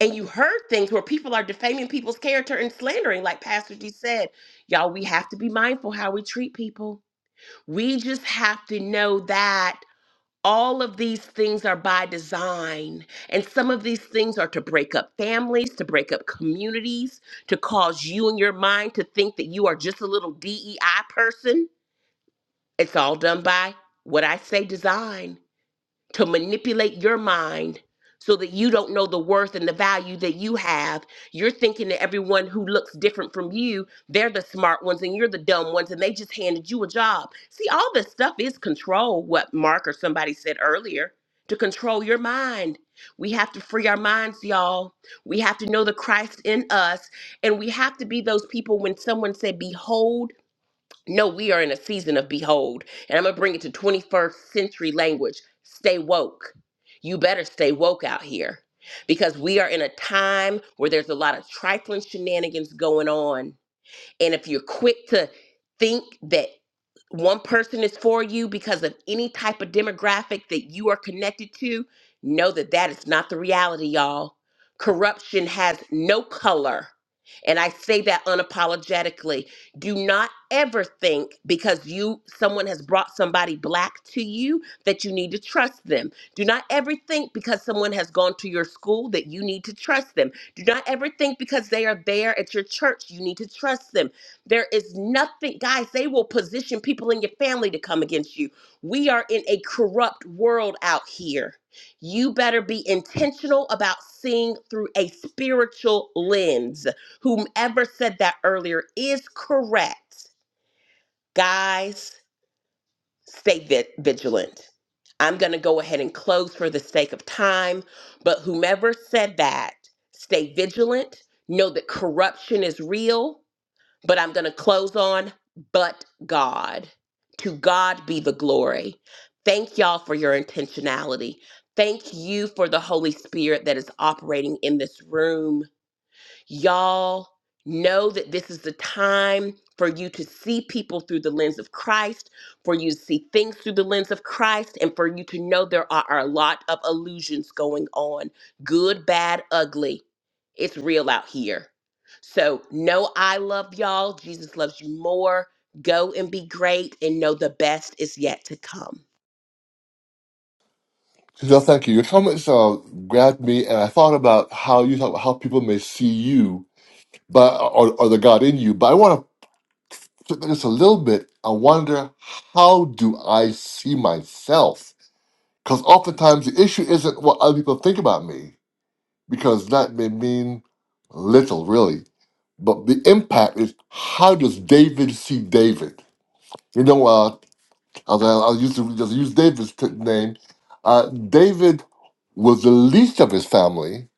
Speaker 4: and you heard things where people are defaming people's character and slandering, like Pastor G said. Y'all, we have to be mindful how we treat people. We just have to know that all of these things are by design. And some of these things are to break up families, to break up communities, to cause you and your mind to think that you are just a little DEI person. It's all done by what I say design to manipulate your mind so that you don't know the worth and the value that you have. You're thinking that everyone who looks different from you, they're the smart ones and you're the dumb ones and they just handed you a job. See, all this stuff is control, what Mark or somebody said earlier, to control your mind. We have to free our minds, y'all. We have to know the Christ in us and we have to be those people when someone said behold no, we are in a season of behold. And I'm going to bring it to 21st century language. Stay woke. You better stay woke out here because we are in a time where there's a lot of trifling shenanigans going on and if you're quick to think that one person is for you because of any type of demographic that you are connected to, know that that is not the reality, y'all. Corruption has no color. And I say that unapologetically. Do not ever think because you someone has brought somebody black to you that you need to trust them. Do not ever think because someone has gone to your school that you need to trust them. Do not ever think because they are there at your church you need to trust them. There is nothing, guys, they will position people in your family to come against you. We are in a corrupt world out here. You better be intentional about seeing through a spiritual lens. Whomever said that earlier is correct. Guys, stay vi- vigilant. I'm going to go ahead and close for the sake of time, but whomever said that, stay vigilant. Know that corruption is real but I'm going to close on but God. To God be the glory. Thank y'all for your intentionality. Thank you for the Holy Spirit that is operating in this room Y'all know that this is the time for you to see people through the lens of Christ, for you to see things through the lens of Christ, and for you to know there are a lot of illusions going on good, bad, ugly. It's real out here. So know I love y'all. Jesus loves you more. Go and be great and know the best is yet to come.
Speaker 1: Janelle, thank you. Your comments uh, grabbed me, and I thought about how you talk about how people may see you but or, or the God in you. But I want to flip it just a little bit. I wonder how do I see myself? Because oftentimes the issue isn't what other people think about me, because that may mean little, really. But the impact is how does David see David? You know, uh, I'll, I'll use the- just use David's t- name. Uh, David was the least of his family,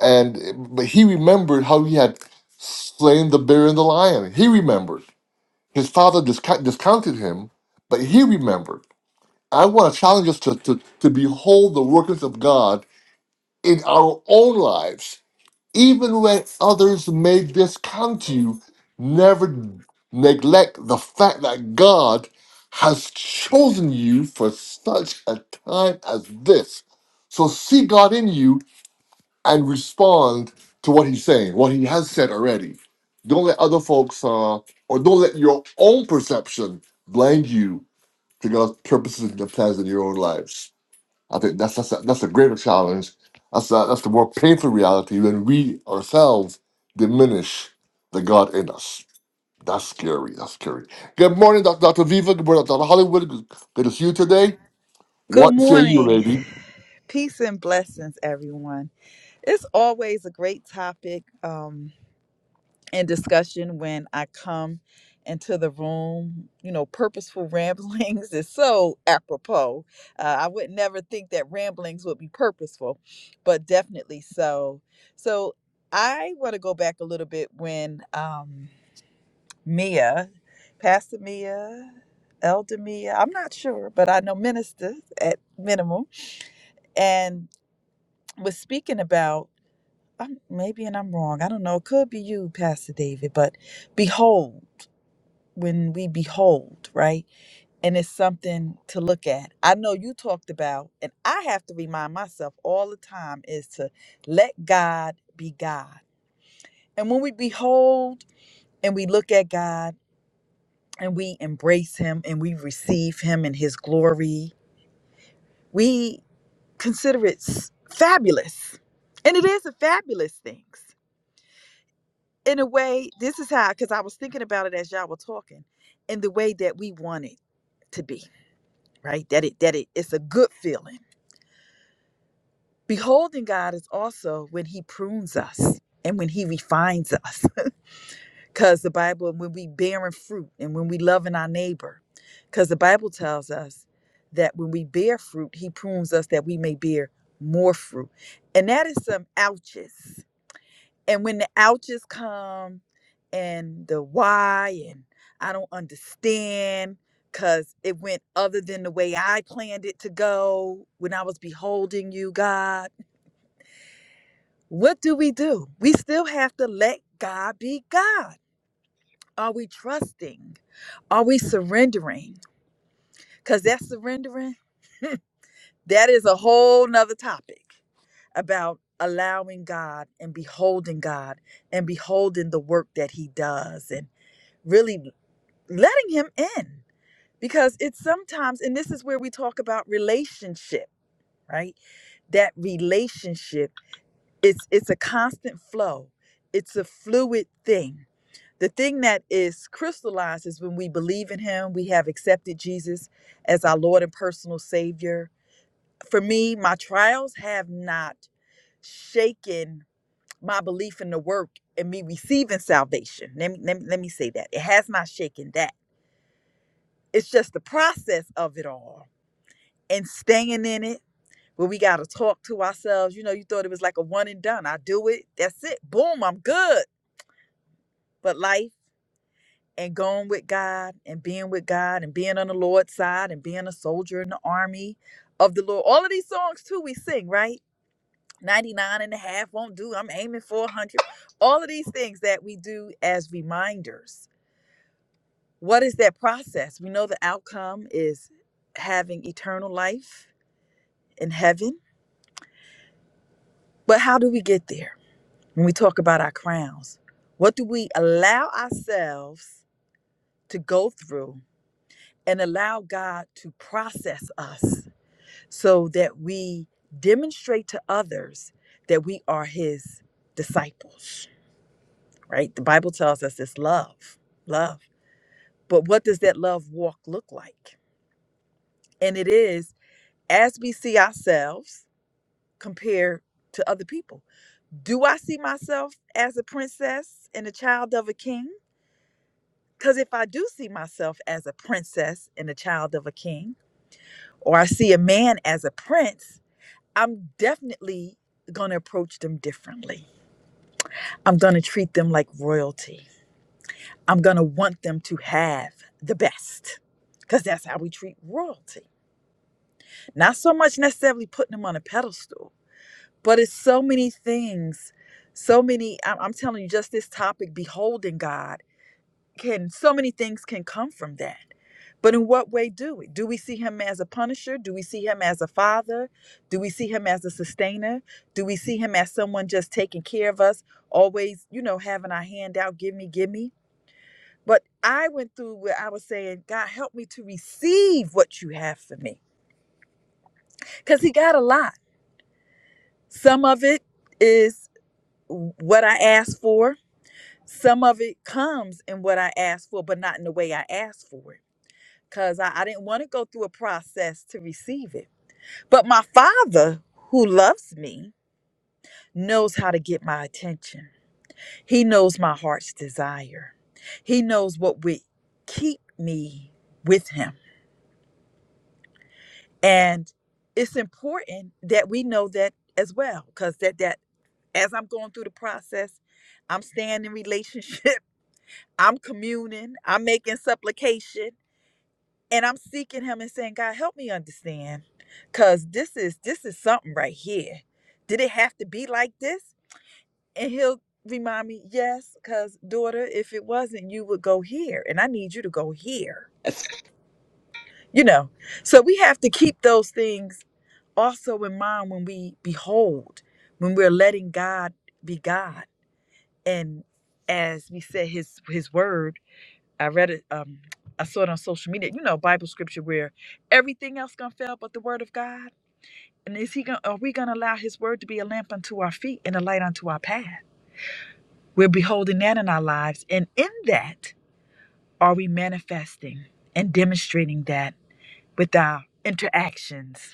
Speaker 1: and but he remembered how he had slain the bear and the lion. He remembered. His father disca- discounted him, but he remembered. I want to challenge us to, to, to behold the workings of God in our own lives, even when others may discount you. Never neglect the fact that God has chosen you for such a time as this. So see God in you and respond to what he's saying, what he has said already. Don't let other folks, uh, or don't let your own perception blind you to God's purposes and plans in your own lives. I think that's that's a, that's a greater challenge. That's a, that's the more painful reality when we ourselves diminish the God in us. That's scary. That's scary. Good morning, Dr. Viva. Good morning, Dr. Hollywood. Good good to see you today.
Speaker 5: Good
Speaker 1: What say you,
Speaker 5: morning.
Speaker 1: lady?
Speaker 5: Peace and blessings, everyone. It's always a great topic um, and discussion when I come into the room. You know, purposeful [laughs] ramblings is so apropos. Uh, I would never think that ramblings would be purposeful, but definitely so. So I want to go back a little bit when um, Mia, Pastor Mia, Elder Mia, I'm not sure, but I know minister at minimum. and. was speaking about I'm, maybe and i'm wrong i don't know it could be you pastor david but behold when we behold right and it's something to look at i know you talked about and i have to remind myself all the time is to let god be god and when we behold and we look at god and we embrace him and we receive him in his glory we consider it s- fabulous and it is a fabulous thing in a way, this is how, because I was thinking about it as y'all were talking, in the way that we want it to be, right? That it that it it's a good feeling. Beholding God is also when He prunes us and when He refines us, [laughs] because the Bible when we bearing fruit and when we loving our neighbor, because the Bible tells us that when we bear fruit, He prunes us that we may bear more fruit, and that is some ouches and when the ouches come and the why and i don't understand because it went other than the way i planned it to go when i was beholding you god what do we do we still have to let god be god are we trusting are we surrendering because that's surrendering that is a whole nother topic about allowing god and beholding god and beholding the work that he does and really letting him in because it's sometimes and this is where we talk about relationship right that relationship it's it's a constant flow it's a fluid thing the thing that is crystallized is when we believe in him we have accepted jesus as our lord and personal savior for me my trials have not shaken my belief in the work and me receiving salvation let me, let me, let me say that it has not shaken that It's just the process of it all and staying in it where we got to talk to ourselves. You know, you thought it was like a one and done. I do it, that's it, boom, I'm good. But life and going with God and being with God and being on the Lord's side and being a soldier in the army of the Lord. All of these songs, too, we sing, right? 99 won't do. I'm aiming for 100. All of these things that we do as reminders. What is that process? We know the outcome is having eternal life in heaven But how do we get there when we talk about our crowns? What do we allow ourselves to go through and allow God to process us so that we demonstrate to others that we are His disciples, right? The Bible tells us it's love, love. But what does that love walk look like? And it is as we see ourselves compared to other people. Do I see myself as a princess and a child of a king? Because if I do see myself as a princess and a child of a king, or I see a man as a prince, I'm definitely going to approach them differently. I'm going to treat them like royalty. I'm going to want them to have the best because that's how we treat royalty. Not so much necessarily putting them on a pedestal, but it's so many things. So many, I- I'm telling you, just this topic, beholding God can so many things can come from that but in what way do we do we see him as a punisher do we see him as a father do we see him as a sustainer do we see him as someone just taking care of us always you know having our hand out give me give me but i went through where i was saying god help me to receive what you have for me because he got a lot some of it is what i asked for some of it comes in what i asked for but not in the way i asked for it because I, I didn't want to go through a process to receive it. But my father, who loves me, knows how to get my attention. He knows my heart's desire. He knows what would keep me with him. And it's important that we know that as well, because that that as I'm going through the process, I'm staying in relationship. [laughs] I'm communing. I'm making supplication. and I'm seeking him and saying, God, help me understand, cause this is this is something right here. Did it have to be like this? And he'll remind me, yes, cause daughter, if it wasn't, you would go here, and I need you to go here.
Speaker 4: That's
Speaker 5: You know, so we have to keep those things also in mind when we behold, when we're letting God be God, and as we said, His His word. I read it. Um, I saw it on social media. You know, Bible scripture where everything else gonna fail but the word of God. And is he gonna? Are we gonna allow His word to be a lamp unto our feet and a light unto our path? We're beholding that in our lives, and in that are we manifesting and demonstrating that with our interactions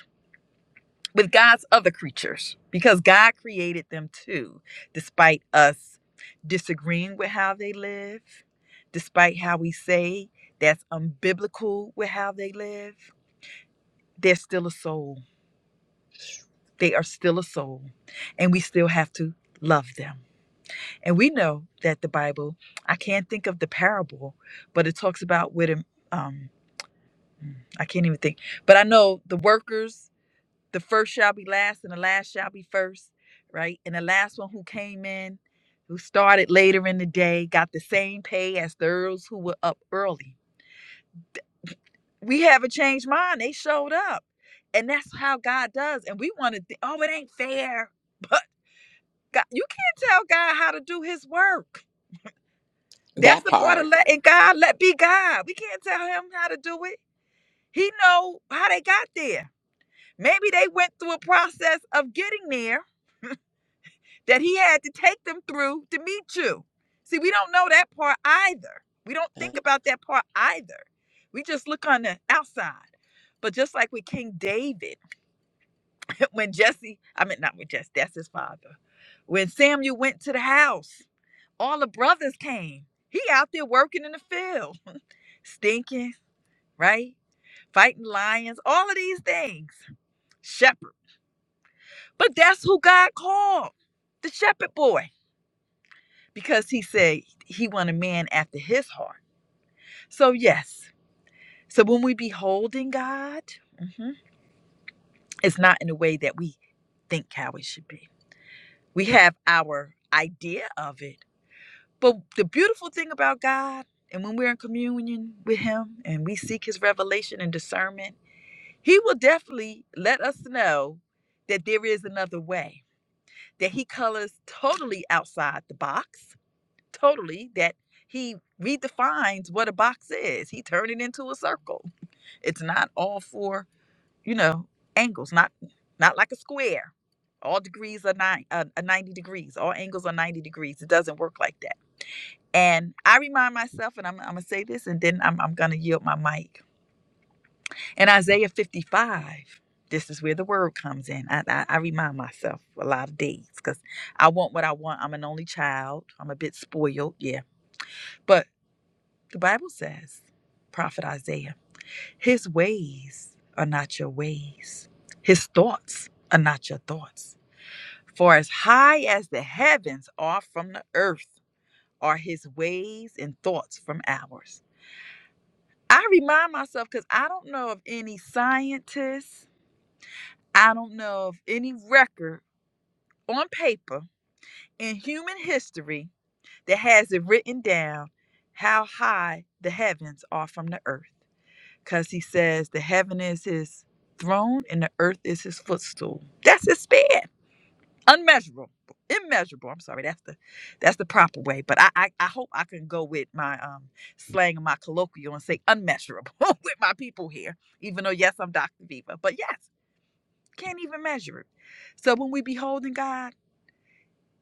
Speaker 5: with God's other creatures because God created them too, despite us disagreeing with how they live, despite how we say that's unbiblical with how they live. They're still a soul. They are still a soul, and we still have to love them. And we know that the Bible, I can't think of the parable, but it talks about with um I can't even think, but I know the workers the first shall be last and the last shall be first right and the last one who came in who started later in the day got the same pay as those who were up early we haven't changed mine. they showed up and that's how god does and we want to think oh it ain't fair [laughs] but god you can't tell god how to do his work that's
Speaker 4: that
Speaker 5: the part of
Speaker 4: part.
Speaker 5: letting god let be god we can't tell him how to do it he know how they got there maybe they went through a process of getting there that he had to take them through to meet you. See, we don't know that part either. We don't think about that part either. We just look on the outside. But just like with King David, [laughs] when Jesse, I mean, not with Jesse, that's his father, when Samuel went to the house, all the brothers came. He out there working in the field, stinking, right? Fighting lions, all of these things. Shepherd. But that's who God called the shepherd boy. because he said he want a man after his heart. So yes, so when we beholding God, mhm, it's not in a way that we think how it should be. We have our idea of it, but the beautiful thing about God, and when we're in communion with Him and we seek His revelation and discernment, He will definitely let us know that there is another way. That He colors totally outside the box totally that he redefines what a box is. He turned it into a circle. It's not all four, you know, angles, not not like a square. All degrees are nine, uh, uh, 90 degrees. All angles are 90 degrees. It doesn't work like that. And I remind myself, and I'm, I'm going to say this, and then I'm, I'm going to yield my mic. In Isaiah 55, this is where the word comes in. I, I, I remind myself a lot of days because I want what I want. I'm an only child. I'm a bit spoiled. Yeah but. The Bible says, Prophet Isaiah, his ways are not your ways, his thoughts are not your thoughts. For as high as the heavens are from the earth, are his ways and thoughts from ours. I remind myself because I don't know of any scientists, I don't know of any record on paper in human history that has it written down how high the heavens are from the earth. because he says the heaven is his throne and the earth is his footstool. That's his span, unmeasurable, immeasurable. I'm sorry, that's the that's the proper way. But I I, I hope I can go with my um slang and my colloquial and say unmeasurable [laughs] with my people here. Even though yes, I'm Dr. Viva, but yes, can't even measure it. So when we beholding God,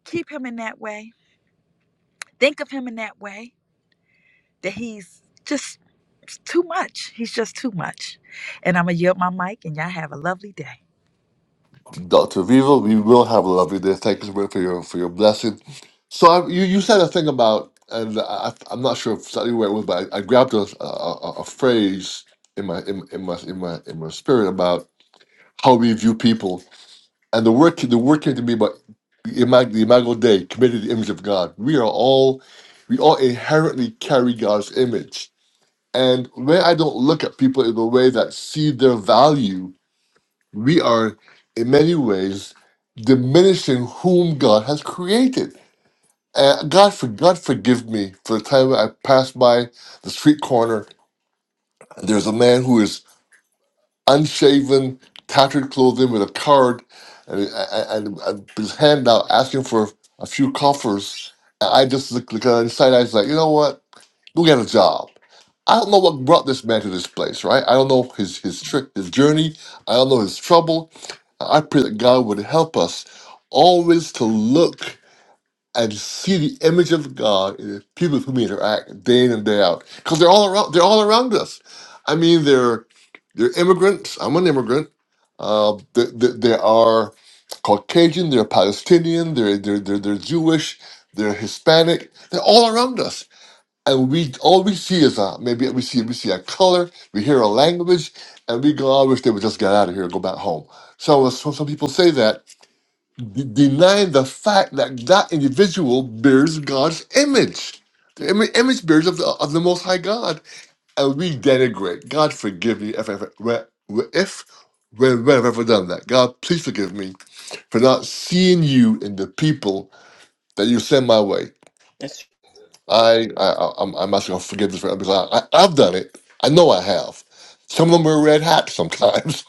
Speaker 5: keep Him in that way. Think of Him in that way that He's just too much. He's just too much. And I'm gonna yield my mic, and y'all have a lovely day.
Speaker 1: Dr. Viva, we will have a lovely day. Thank you so much for your for your blessing. So I, you you said a thing about, and I, I'm not sure exactly where it was, but I, I grabbed a, a a a phrase in my in, in my in my in my spirit about how we view people, and the word the word came to me about imag- the imago Dei, committed to the image of God. We are all we all inherently carry God's image, and when I don't look at people in a way that see their value we are in many ways diminishing whom God has created. And God, for, God forgive me for the time I passed by the street corner. There's a man who is unshaven, tattered clothing with a card and, and, and his hand out asking for a few coffers. And I just look, look at him side eyes like, you know what? Go get a job. I don't know what brought this man to this place, right? I don't know his his trick, his journey. I don't know his trouble. I pray that God would help us always to look and see the image of God in the people who we interact day in and day out. Because they're all around they're all around us. I mean they're they're immigrants. I'm an immigrant. Uh, they, they, they are Caucasian, they're Palestinian, they're, they're, they're, they're Jewish, they're Hispanic, they're all around us. And we all we see is uh, maybe we see we see a color, we hear a language, and we go, I wish they would just get out of here and go back home. So uh, so some people say that, de- denying the fact that that individual bears God's image. The im- image bears of the, of the Most High God, and we denigrate. God, forgive me if if if when when I've ever done that. God, please forgive me for not seeing you in the people that you send my way.
Speaker 4: That's-
Speaker 1: I, I, I- I'm, I'm asking for forgiveness for that because I, I, I've done it. I know I have. Some of them wear red hats sometimes.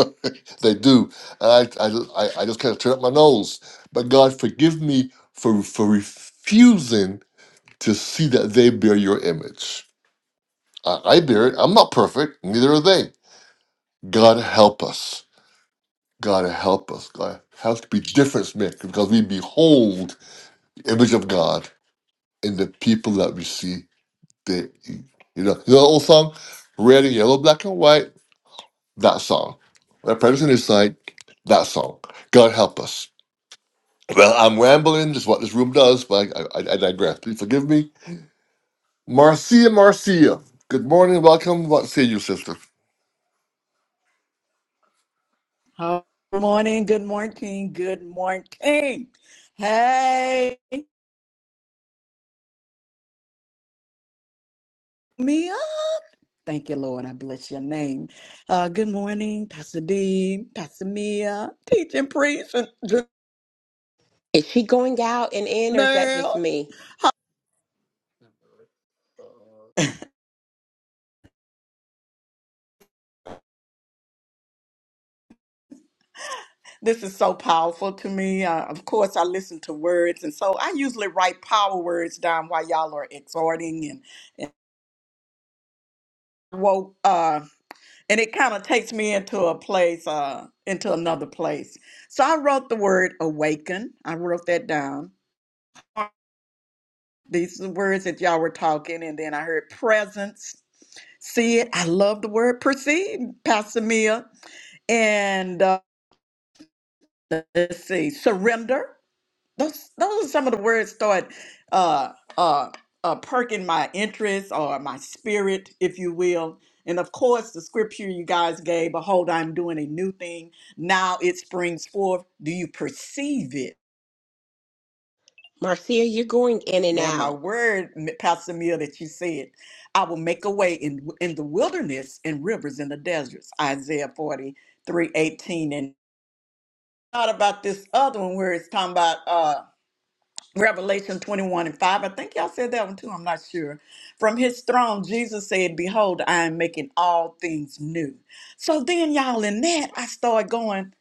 Speaker 1: [laughs] they do. I, I, I I just kind of turn up my nose. But God, forgive me for, for refusing to see that they bear your image. I, I bear it. I'm not perfect. Neither are they. God, help us. God, help us. God, help us to be difference makers because we behold the image of God in the people that we see They, you know, you know, the old song, Red and Yellow, Black and White, that song. My parents on his side, that song. God help us. Well, I'm rambling, just what this room does, but I, I, I digress. Please forgive me. Marcia, Marcia, good morning, welcome. What say you, sister?
Speaker 6: Oh, Good morning, good morning, good morning. Hey, Mia. Thank you, Lord. I bless your name. Uh, good morning, Pastor Dean, Pastor Mia, teaching priest, and
Speaker 4: is she going out and in, or is that just
Speaker 6: Janelle.
Speaker 4: me?
Speaker 6: This is so powerful to me. Uh, of course, I listen to words, and so I usually write power words down while y'all are exhorting and woke. Uh, and it kind of takes me into a place, uh, into another place. So I wrote the word awaken. I wrote that down these words that y'all were talking, and then I heard presence, see it. I love the word perceive, Pastor Mia. And uh, let's see, surrender. Those those are some of the words start uh uh uh perking my interest or my spirit, if you will. And of course, the scripture you guys gave, behold, I'm doing a new thing. Now it springs forth. Do you perceive it?
Speaker 4: Marcia, you're going in and
Speaker 6: They're my
Speaker 4: out.
Speaker 6: word, Pastor Mill, that you said. I will make a way in in the wilderness and rivers in the deserts. Isaiah forty three eighteen. And thought about this other one where it's talking about uh Revelation 21 and 5. I think y'all said that one too. I'm not sure. From his throne, Jesus said, Behold, I am making all things new. So then, y'all, in that, I started going,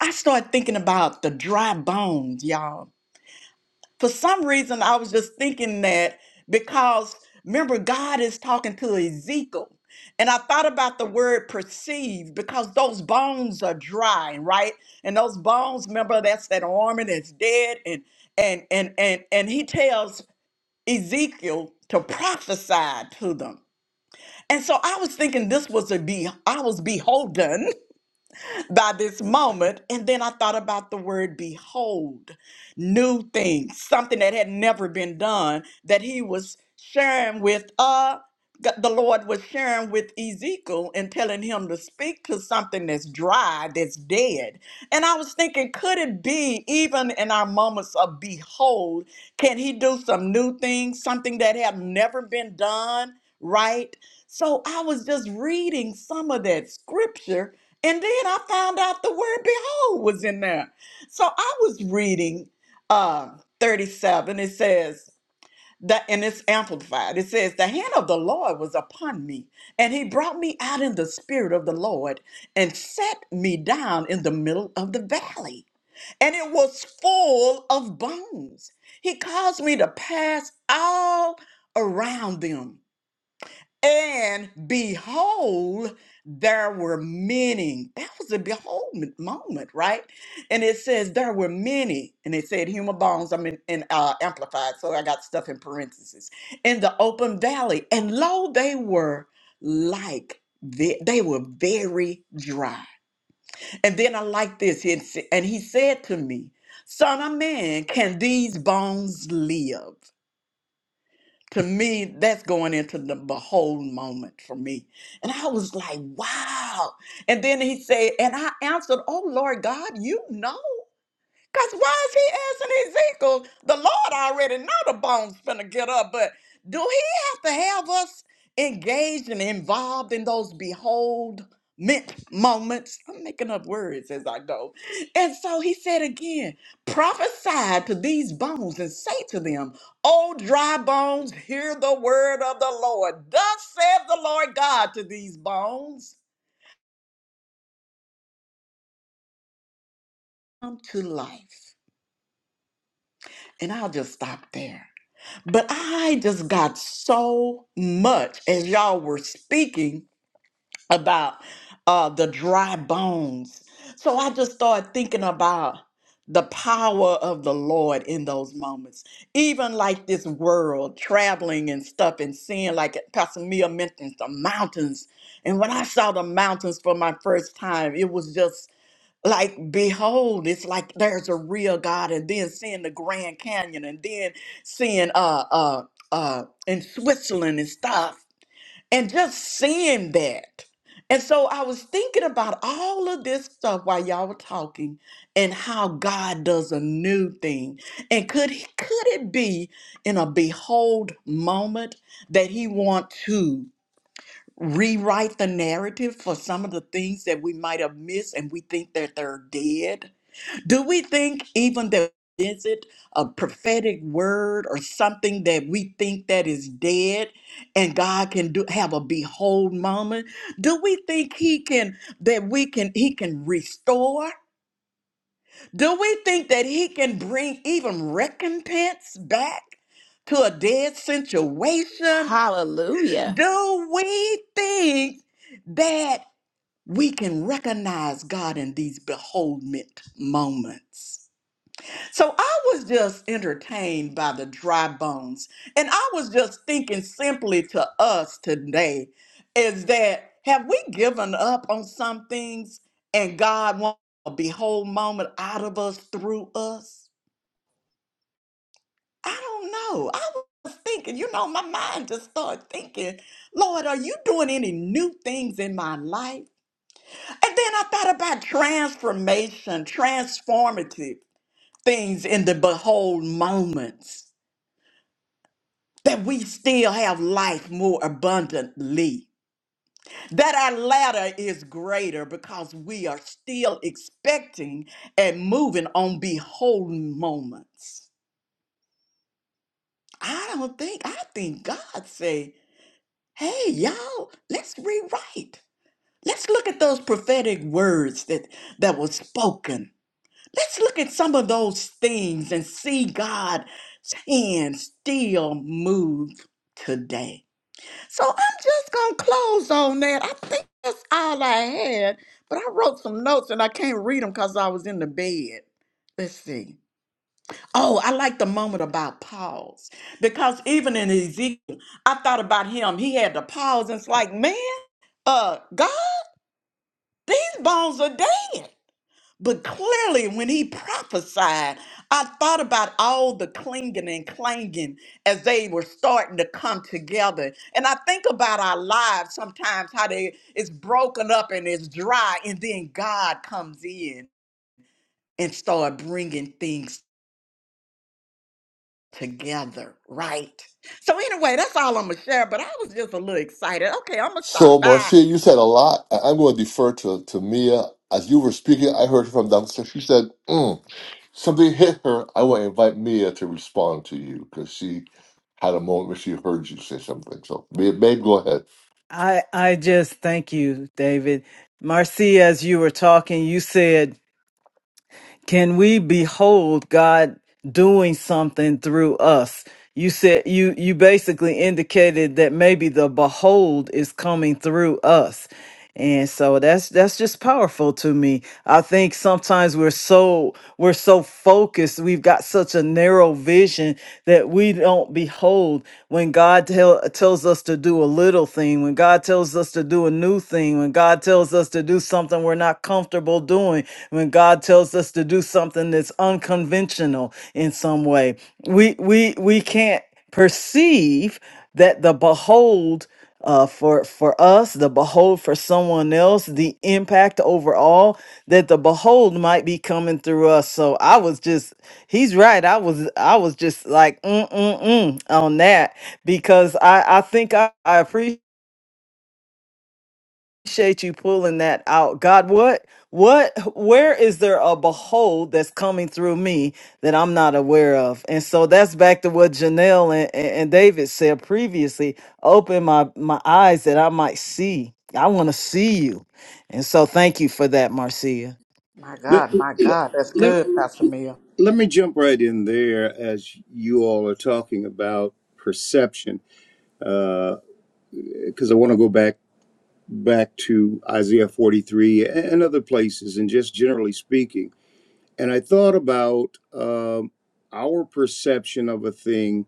Speaker 6: I started thinking about the dry bones, y'all for some reason I was just thinking that because remember God is talking to Ezekiel and I thought about the word perceive because those bones are dry, right? And those bones, remember that's that arm and it's dead and and and and and he tells Ezekiel to prophesy to them. And so I was thinking this was a be I was beholden by this moment. And then I thought about the word behold, new things, something that had never been done that he was sharing with uh g- the Lord was sharing with Ezekiel and telling him to speak to something that's dry, that's dead. And I was thinking, could it be even in our moments of behold, can he do some new things, something that have never been done, right? So I was just reading some of that scripture and then I found out the word behold was in there. So I was reading uh 37. It says that and it's amplified. It says, The hand of the Lord was upon me, and he brought me out in the spirit of the Lord and set me down in the middle of the valley. And it was full of bones. He caused me to pass all around them and behold, there were many. That was a behold m- moment, right? And it says there were many, and it said human bones. I'm in, in uh, amplified, so I got stuff in parentheses in the open valley. And lo, they were like ve- they were very dry. And then I like this, and s- and he said to me, "Son of man, can these bones live?" to me, that's going into the behold moment for me. And I was like, wow. And then he said, and I answered, Oh Lord God, you know. Cause why is he asking Ezekiel? The Lord already know the bones finna get up, but do he have to have us engaged and involved in those behold mint moments? I'm making up words as I go. And so he said again, prophesy to these bones and say to them, O dry bones, hear the word of the Lord. Thus saith the Lord God to these bones, come to life. And I'll just stop there But I just got so much as y'all were speaking about uh, the dry bones. So I just started thinking about the power of the Lord in those moments. Even like this world, traveling and stuff and seeing, like Pastor Mia mentioned, the mountains. And when I saw the mountains for my first time, it was just like behold it's like there's a real god and then seeing the grand canyon and then seeing uh uh uh in switzerland and stuff and just seeing that and so i was thinking about all of this stuff while y'all were talking and how god does a new thing and could he could it be in a behold moment that he want to rewrite the narrative for some of the things that we might have missed and we think that they're dead do we think even that is it a prophetic word or something that we think that is dead and God can do have a behold moment? Do we think he can that we can he can restore? Do we think that he can bring even recompense back to a dead situation?
Speaker 4: Hallelujah.
Speaker 6: Do we think that we can recognize God in these beholdment moments? So I was just entertained by the dry bones. And I was just thinking simply to us today is that have we given up on some things and God wants a behold moment out of us through us? I don't know. I was thinking, you know, my mind just started thinking, Lord, are you doing any new things in my life? And then I thought about transformation, transformative things in the behold moments. that we still have life more abundantly. That our ladder is greater because we are still expecting and moving on beholden moments. I don't think, I think God say, hey, y'all, let's rewrite. Let's look at those prophetic words that, that were spoken. Let's look at some of those things and see God's hand still move today. So I'm just gonna close on that. I think that's all I had, but I wrote some notes and I can't read them because I was in the bed. Let's see. Oh, I like the moment about pause because even in Ezekiel, I thought about him. He had to pause and it's like, man, uh, God, these bones are dead. But clearly, when he prophesied, I thought about all the clinging and clanging as they were starting to come together. And I think about our lives sometimes, how they it's broken up and it's dry, and then God comes in and start bringing things together, right? So anyway, that's all I'm gonna share. But I was just a little excited. Okay, I'm gonna
Speaker 1: So,
Speaker 6: stop. Bye.
Speaker 1: Marcia, you said a lot. I- I'm going to defer to, to Mia. As you were speaking, I heard from downstairs. She said, mm. something hit her, I want to invite Mia to respond to you because she had a moment where she heard you say something. So, Mia, babe, go ahead.
Speaker 3: I I just thank you, David. Marcia, as you were talking, you said, "Can we behold God doing something through us?" You said you you basically indicated that maybe the behold is coming through us. And so that's that's just powerful to me. I think sometimes we're so we're so focused, we've got such a narrow vision that we don't behold old when God tell, tells us to do a little thing, when God tells us to do a new thing, when God tells us to do something we're not comfortable doing, when God tells us to do something that's unconventional in some way. We we we can't perceive that the behold uh, for for us, the behold for someone else, the impact overall that the behold might be coming through us. So I was just He's right. I was I was just like mm mm mm on that because I I think I, I appreciate you pulling that out. God, what what where is there a behold that's coming through me that I'm not aware of? And so that's back to what Janelle and, and, and David said previously. Open my my eyes that I might see. I want to see you. And so thank you for that, Marcia.
Speaker 6: My
Speaker 2: Let,
Speaker 6: God, my
Speaker 2: let,
Speaker 6: God, that's
Speaker 2: let,
Speaker 6: good, Pastor Mia.
Speaker 2: let me jump right in there as you all are talking about perception, because I want to go back back to Isaiah 43 and other places, and just generally speaking. And I thought about um, our perception of a thing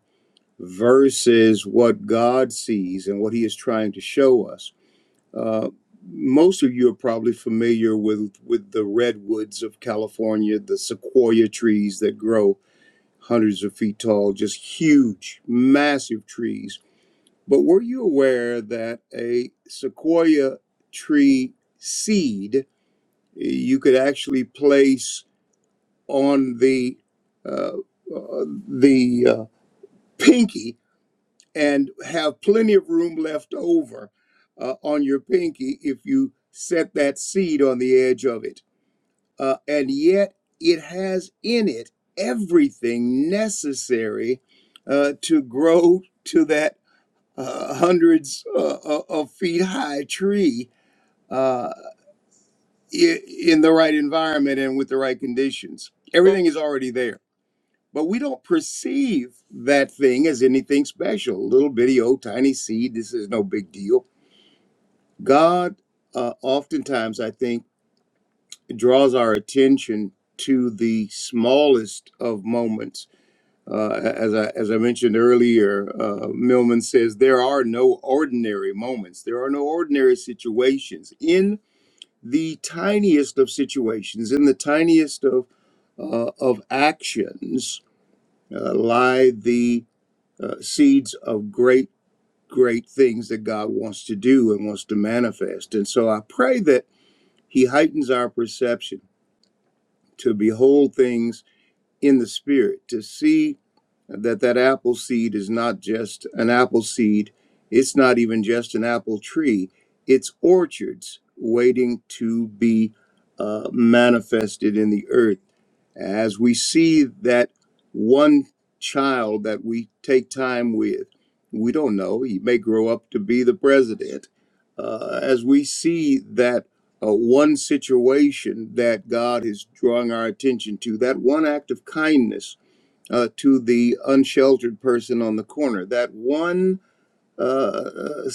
Speaker 2: versus what God sees and what He is trying to show us Uh, most of you are probably familiar with, with the redwoods of California, the sequoia trees that grow hundreds of feet tall, just huge, massive trees. But were you aware that a sequoia tree seed you could actually place on the uh, uh, the uh, pinky and have plenty of room left over uh, on your pinky if you set that seed on the edge of it. Uh, and yet, it has in it everything necessary uh, to grow to that uh, hundreds uh, uh, of feet high tree uh, i- in the right environment and with the right conditions.
Speaker 4: Mm,
Speaker 2: Everything is already there but we don't perceive that thing as anything special. Little bitty, old, tiny seed. This is no big deal. God, uh, oftentimes, I think, draws our attention to the smallest of moments. Uh, as I as I mentioned earlier, uh, Millman says there are no ordinary moments. There are no ordinary situations. In the tiniest of situations, in the tiniest of uh, of actions, uh, lie the uh, seeds of great, great things that God wants to do and wants to manifest. And so I pray that He heightens our perception to behold things in the Spirit, to see that that apple seed is not just an apple seed, it's not even just an apple tree, it's orchards waiting to be uh, manifested in the earth as we see that one child that we take time with, we don't know, he may grow up to be the president. Uh, as we see that uh, one situation that God is drawing our attention to, that one act of kindness uh, to the unsheltered person on the corner, that one. Uh,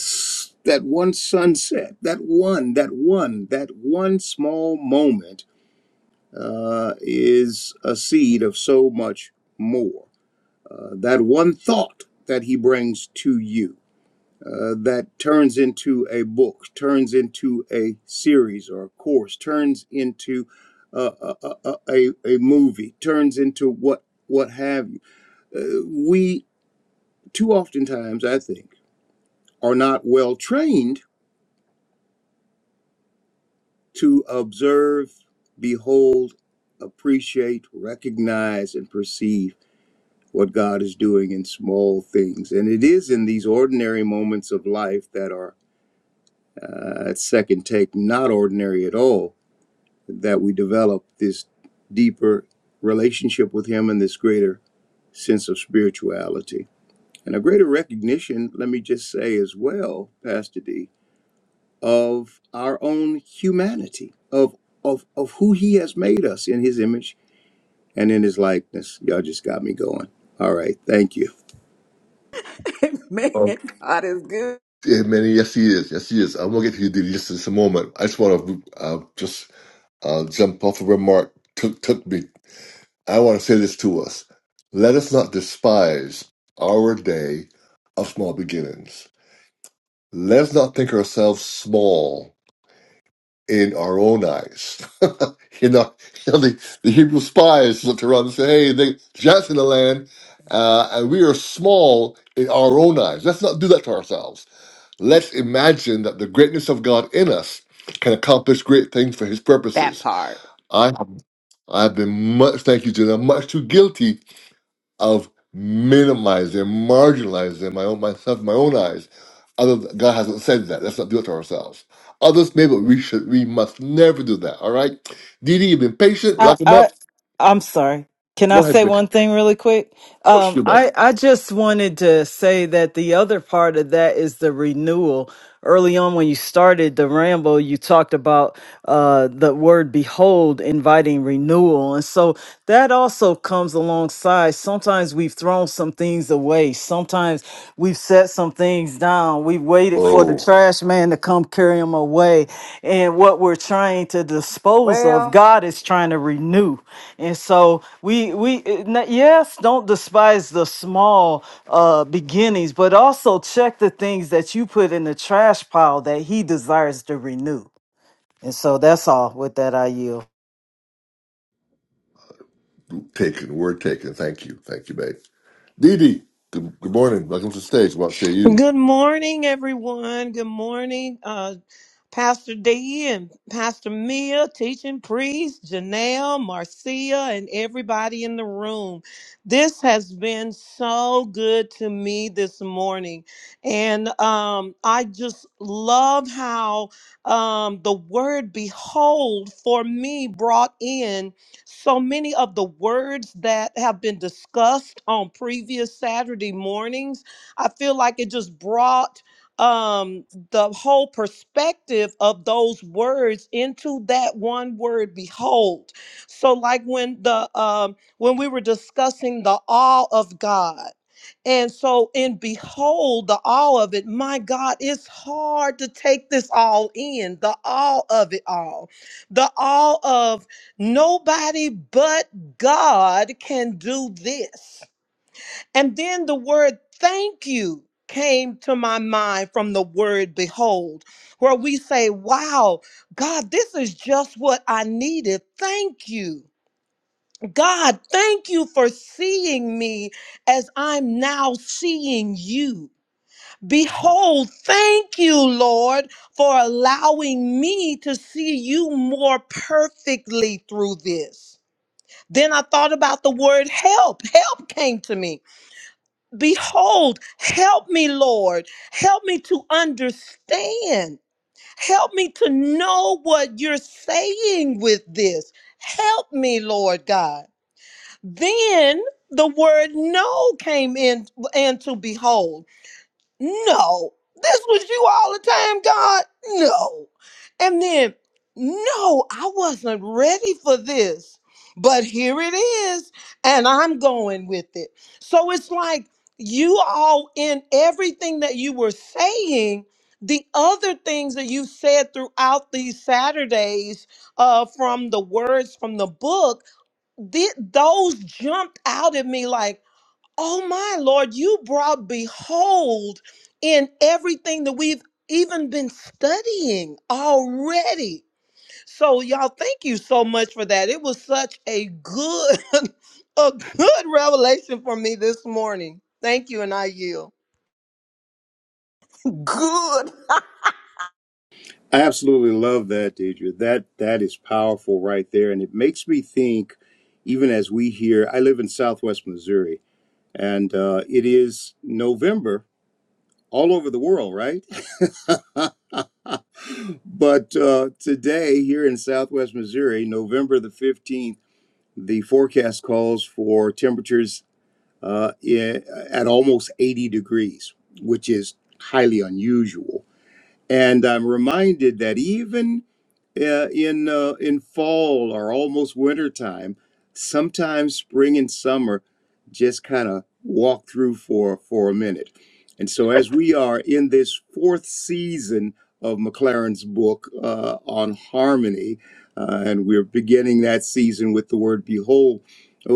Speaker 2: that one sunset, that one, that one, that one small moment uh, is a seed of so much more. Uh, that one thought that he brings to you uh, that turns into a book, turns into a series or a course, turns into uh, a, a, a, a movie, turns into what what have you. Uh, we too oftentimes, I think, are not well trained to observe, behold, appreciate, recognize, and perceive what God is doing in small things. And it is in these ordinary moments of life that are, uh, at second take, not ordinary at all, that we develop this deeper relationship with Him and this greater sense of spirituality. And a greater recognition, let me just say as well, Pastor D, of our own humanity, of, of, of who He has made us in His image and in His likeness. Y'all just got me going. All right. Thank you.
Speaker 6: [laughs] Man,
Speaker 1: Oh,
Speaker 6: God is good.
Speaker 1: yeah, Manny, yes, he is. Yes, he is. I'm going to get to you dude, just in just a moment. I just want to uh, just uh, jump off of where Mark took, took me. I want to say this to us. Let us not despise our day of small beginnings. Let us not think ourselves small in our own eyes. [laughs] you know, you know, the, the Hebrew spies looked around and said, hey, they, giants in the land, uh, and we are small in our own eyes. Let's not do that to ourselves. Let's imagine that the greatness of God in us can accomplish great things for his
Speaker 4: That
Speaker 1: purposes.
Speaker 4: part.
Speaker 1: I, I've been much, thank you, Jenna, much too guilty I've minimized them, marginalized them, my own myself, my own eyes. Other God hasn't said that. Let's not do it to ourselves. Others may, but we should we must never do that. All right. Dee Dee, you've been patient,
Speaker 3: I,
Speaker 1: lock him up.
Speaker 3: I I'm sorry. Can
Speaker 1: Go
Speaker 3: I
Speaker 1: ahead,
Speaker 3: say
Speaker 1: babe.
Speaker 3: one thing really quick?
Speaker 1: Of course
Speaker 3: Um,
Speaker 1: you may.
Speaker 3: I I just wanted to say that the other part of that is the renewal. Early on, when you started the ramble, you talked about uh, the word "behold" inviting renewal, and so that also comes alongside. Sometimes we've thrown some things away. Sometimes we've set some things down. We waited for the
Speaker 1: Oh,
Speaker 3: trash man to come carry them away. And what we're trying to dispose of,
Speaker 6: Well.
Speaker 3: God is trying to renew. And so we we eh, na- yes, don't despise the small uh beginnings, but also check the things that you put in the trash pile that he desires to renew. And so that's all with that I yield.
Speaker 1: taken, word taken. Thank you. Thank you, babe. Dee Dee, good, good morning. Welcome to the stage. What say you?
Speaker 7: Good morning, everyone. Good morning, uh, Pastor D and Pastor Mia, teaching priest, Janelle, Marcia, and everybody in the room. This has been so good to me this morning. And um, I just love how um, the word behold for me brought in so many of the words that have been discussed on previous Saturday mornings I feel like it just brought um the whole perspective of those words into that one word behold so like when the um when we were discussing the awe of god and so in behold the awe of it my god it's hard to take this all in the awe of it all the awe of nobody but god can do this and then the word thank you came to my mind from the word behold, where we say, Wow, God, this is just what I needed. Thank you. God, thank you for seeing me as I'm now seeing you. Behold, thank you, Lord, for allowing me to see you more perfectly through this. Then I thought about the word help. Help came to me Behold, help me, Lord. Help me to understand. Help me to know what you're saying with this. Help me, Lord God. Then the word no came in and to behold. No, this was you all the time, God. No. And then, no, I wasn't ready for this, but here it is, and I'm going with it. So it's like you all in everything that you were saying. The other things that you said throughout these Saturdays uh, from the words from the book, th- those jumped out at me like, Oh my Lord, you brought behold in everything that we've even been studying already. So y'all thank you so much for that. It was such a good [laughs] a good revelation for me this morning. Thank you and I yield.
Speaker 6: Good.
Speaker 2: I absolutely love that, Deidre. That that is powerful right there, and it makes me think. Even as we hear, I live in Southwest Missouri, and uh, it is November all over the world, right? [laughs] But uh, today, here in Southwest Missouri, November the fifteenth, the forecast calls for temperatures uh, i- at almost eighty degrees, which is highly unusual. And I'm reminded that even Yeah, in uh, in fall or almost winter time, sometimes spring and summer just kind of walk through for for a minute. And so as we are in this fourth season of McLaren's book uh, on harmony, uh, and we're beginning that season with the word behold, uh,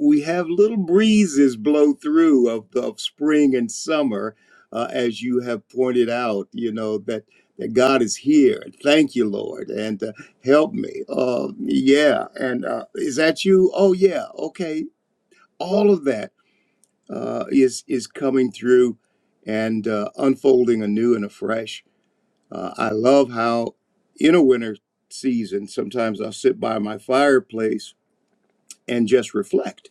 Speaker 2: we have little breezes blow through of, of spring and summer, uh, as you have pointed out, you know, that that God is here. Thank you, Lord, and uh, help me. Uh, yeah, and uh, is that you? Oh, yeah. Okay, all of that uh, is is coming through and uh, unfolding anew and afresh. Uh, I love how in a winter season, sometimes I'll sit by my fireplace and just reflect.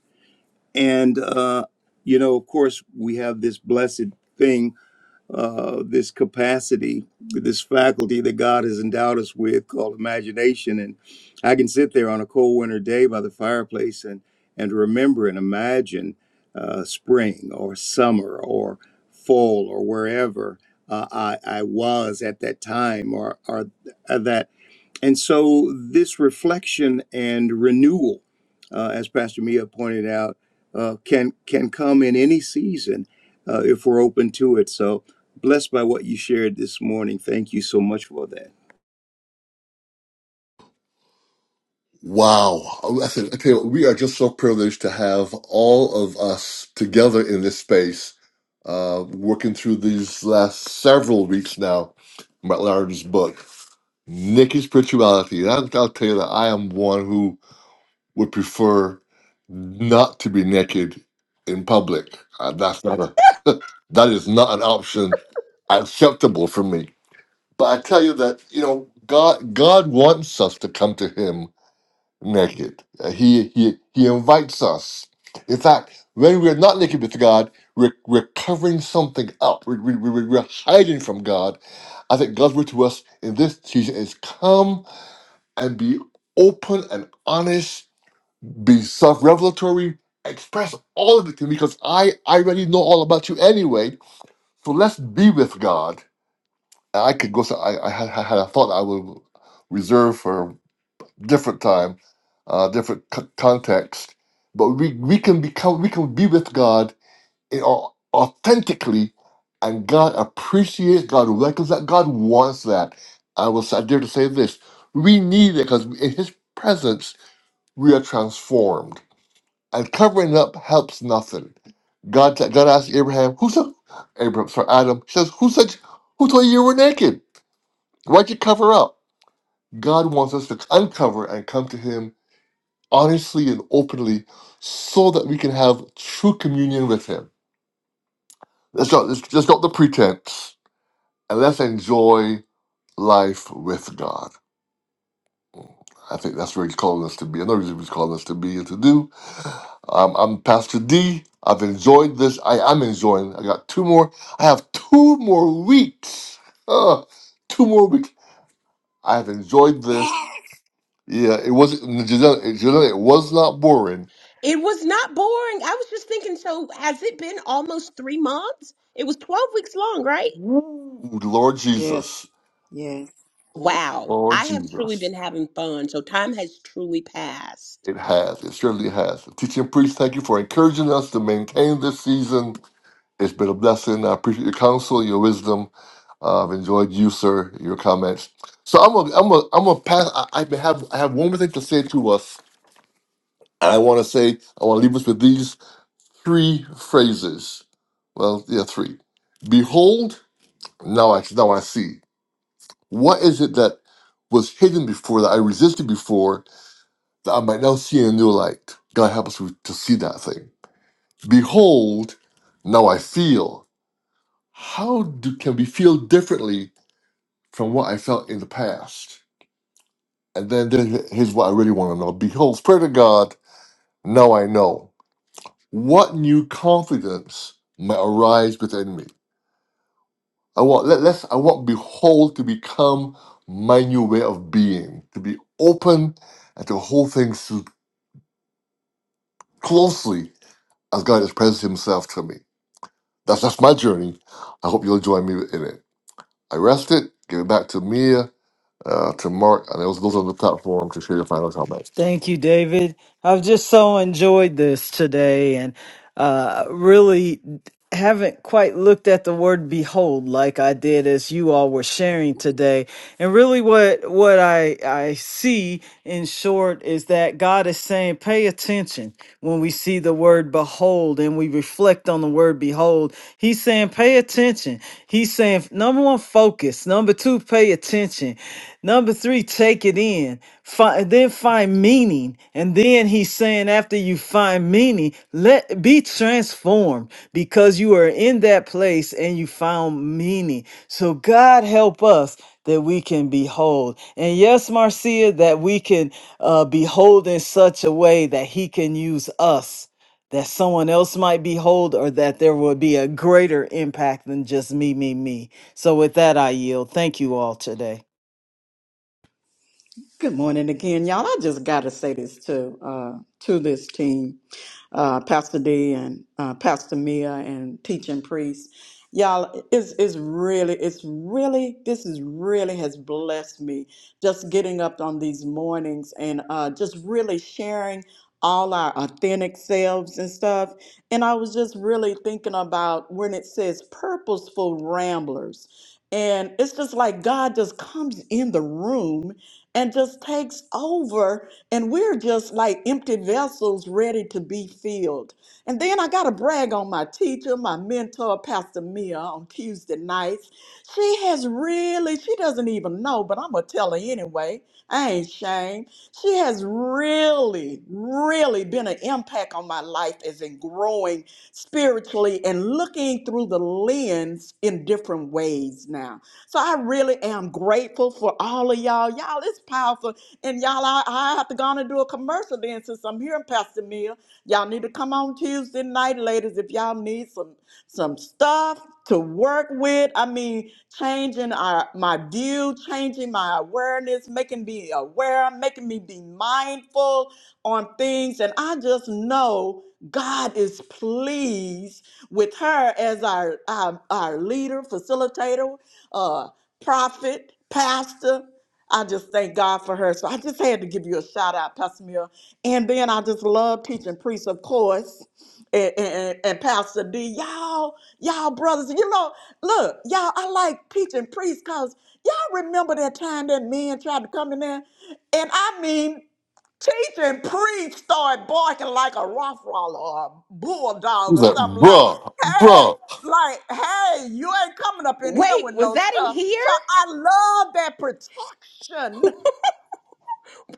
Speaker 2: And uh, you know, of course, we have this blessed thing uh, this capacity, this faculty that God has endowed us with called imagination. And I can sit there on a cold winter day by the fireplace and, and remember and imagine uh, spring or summer or fall or wherever uh, I, I was at that time or, or that and so, this reflection and renewal, uh, as Pastor Mia pointed out, uh, can can come in any season uh, if we're open to it. So blessed by what you shared this morning. Thank you so much for that.
Speaker 1: Wow. I tell you, we are just so privileged to have all of us together in this space, uh, working through these last several weeks now, Matt Lauren's book, Nikki's Spirituality. And I'll, I'll tell you that I am one who would prefer not to be naked in public. Uh, that's not a, that is not an option acceptable for me. But I tell you that, you know, God, God wants us to come to him naked. Uh, He he he invites us. In fact, when we're not naked with God, we're, we're covering something up. We, we, we, we're hiding from God. I think God's word to us in this season is come and be open and honest, be self revelatory, express all of it to me because I, I already know all about you anyway. So let's be with God. I could go, so I, I had, had a thought I will reserve for different time, uh, different c- context. But we, we can become we can be with God in, au- authentically, and God appreciates, God welcomes that, God wants that. I will I dare to say this: we need it because in His presence we are transformed. And covering up helps nothing. God God asked Abraham, "Who said Abraham? Sorry, Adam He says, who said who told you you were naked? Why'd you cover up?" God wants us to uncover and come to Him honestly and openly so that we can have true communion with Him. Let's not, let's, let's not the pretense and let's enjoy life with God. I think that's where He's calling us to be. I know He's calling us to be and to do. Um, I'm Pastor D. I've enjoyed this. I am enjoying. I got two more. I have two more weeks. Uh, two more weeks. I have enjoyed this.
Speaker 6: [laughs]
Speaker 1: Yeah, it wasn't. it was not boring.
Speaker 4: It was not boring. I was just thinking, so has it been almost three months? It was 12 weeks long, right?
Speaker 1: Ooh, Lord Jesus.
Speaker 6: Yes. Yes.
Speaker 4: Wow.
Speaker 1: Lord
Speaker 4: I have truly
Speaker 1: Jesus.
Speaker 4: been having fun. So time has truly passed.
Speaker 1: It has. It surely has. Teaching priest, thank you for encouraging us to maintain this season. It's been a blessing. I appreciate your counsel, your wisdom. Uh, I've enjoyed you, sir, your comments. So I'm gonna, I'm gonna, I'm gonna pass. I, I have, I have one more thing to say to us. I want to say, I want to leave us with these three phrases. Well, yeah, three. Behold, now I, now I see. What is it that was hidden before that I resisted before I might now see in a new light. God help us to see that thing. Behold, now I feel. How do, can we feel differently from what I felt in the past? And then, then here's what I really want to know. Behold, Spirit of God, now I know. What new confidence might arise within me? I want let, let's I want behold to become my new way of being, to be open and to hold things closely as God has presented himself to me. That's that's my journey. I hope you'll join me in it. I rest it, give it back to Mia, uh, to Mark, and those those on the platform to share your final comments.
Speaker 3: Thank you, David. I've just so enjoyed this today and uh, really haven't quite looked at the word behold like I did as you all were sharing today. And really what what I I see in short is that God is saying pay attention when we see the word behold and we reflect on the word behold, he's saying pay attention. He's saying, number one, focus. Number two, pay attention. Number three, take it in. Find, then find meaning. And then he's saying, after you find meaning, let be transformed because you are in that place and you found meaning. So God help us that we can behold. And yes, Marcia, that we can uh, behold in such a way that he can use us that someone else might behold or that there will be a greater impact than just me, me, me. So with that, I yield. Thank you all today.
Speaker 6: Good morning again, y'all. I just got to say this to uh, to this team, uh, Pastor D and uh, Pastor Mia and teaching priest. Y'all, it's, it's really, it's really, this is really has blessed me just getting up on these mornings and uh, just really sharing all our authentic selves and stuff. And I was just really thinking about when it says purposeful ramblers. And it's just like God just comes in the room and just takes over and we're just like empty vessels ready to be filled and then i gotta brag on my teacher my mentor pastor mia on tuesday nights she has really she doesn't even know but i'm gonna tell her anyway i ain't ashamed she has really really been an impact on my life as in growing spiritually and looking through the lens in different ways now so I really am grateful for all of y'all. Y'all, it's powerful. And y'all, I, I have to go on and do a commercial then since I'm here in Pastor Mill. Y'all need to come on Tuesday night, ladies, if y'all need some some stuff to work with. I mean, changing our, my view, changing my awareness, making me aware, making me be mindful on things. And I just know God is pleased with her as our, our, our leader, facilitator uh, prophet, pastor. I just thank God for her. So I just had to give you a shout out, Pastor Mill. And then I just love teaching priests, of course, and, and, and Pastor D. Y'all, y'all brothers, you know, look, y'all, I like teaching priests because y'all remember that time that men tried to come in there? And I mean, Teacher and priest start barking like a rottweiler or a bulldog
Speaker 1: He's
Speaker 6: or
Speaker 1: like,
Speaker 6: something like,
Speaker 1: bruh,
Speaker 6: hey,
Speaker 1: bruh.
Speaker 6: like, hey, you ain't coming up in here
Speaker 4: Wait,
Speaker 6: with
Speaker 4: was
Speaker 6: no
Speaker 4: that in
Speaker 6: stuff. So
Speaker 4: here?
Speaker 6: I love that protection.
Speaker 4: [laughs]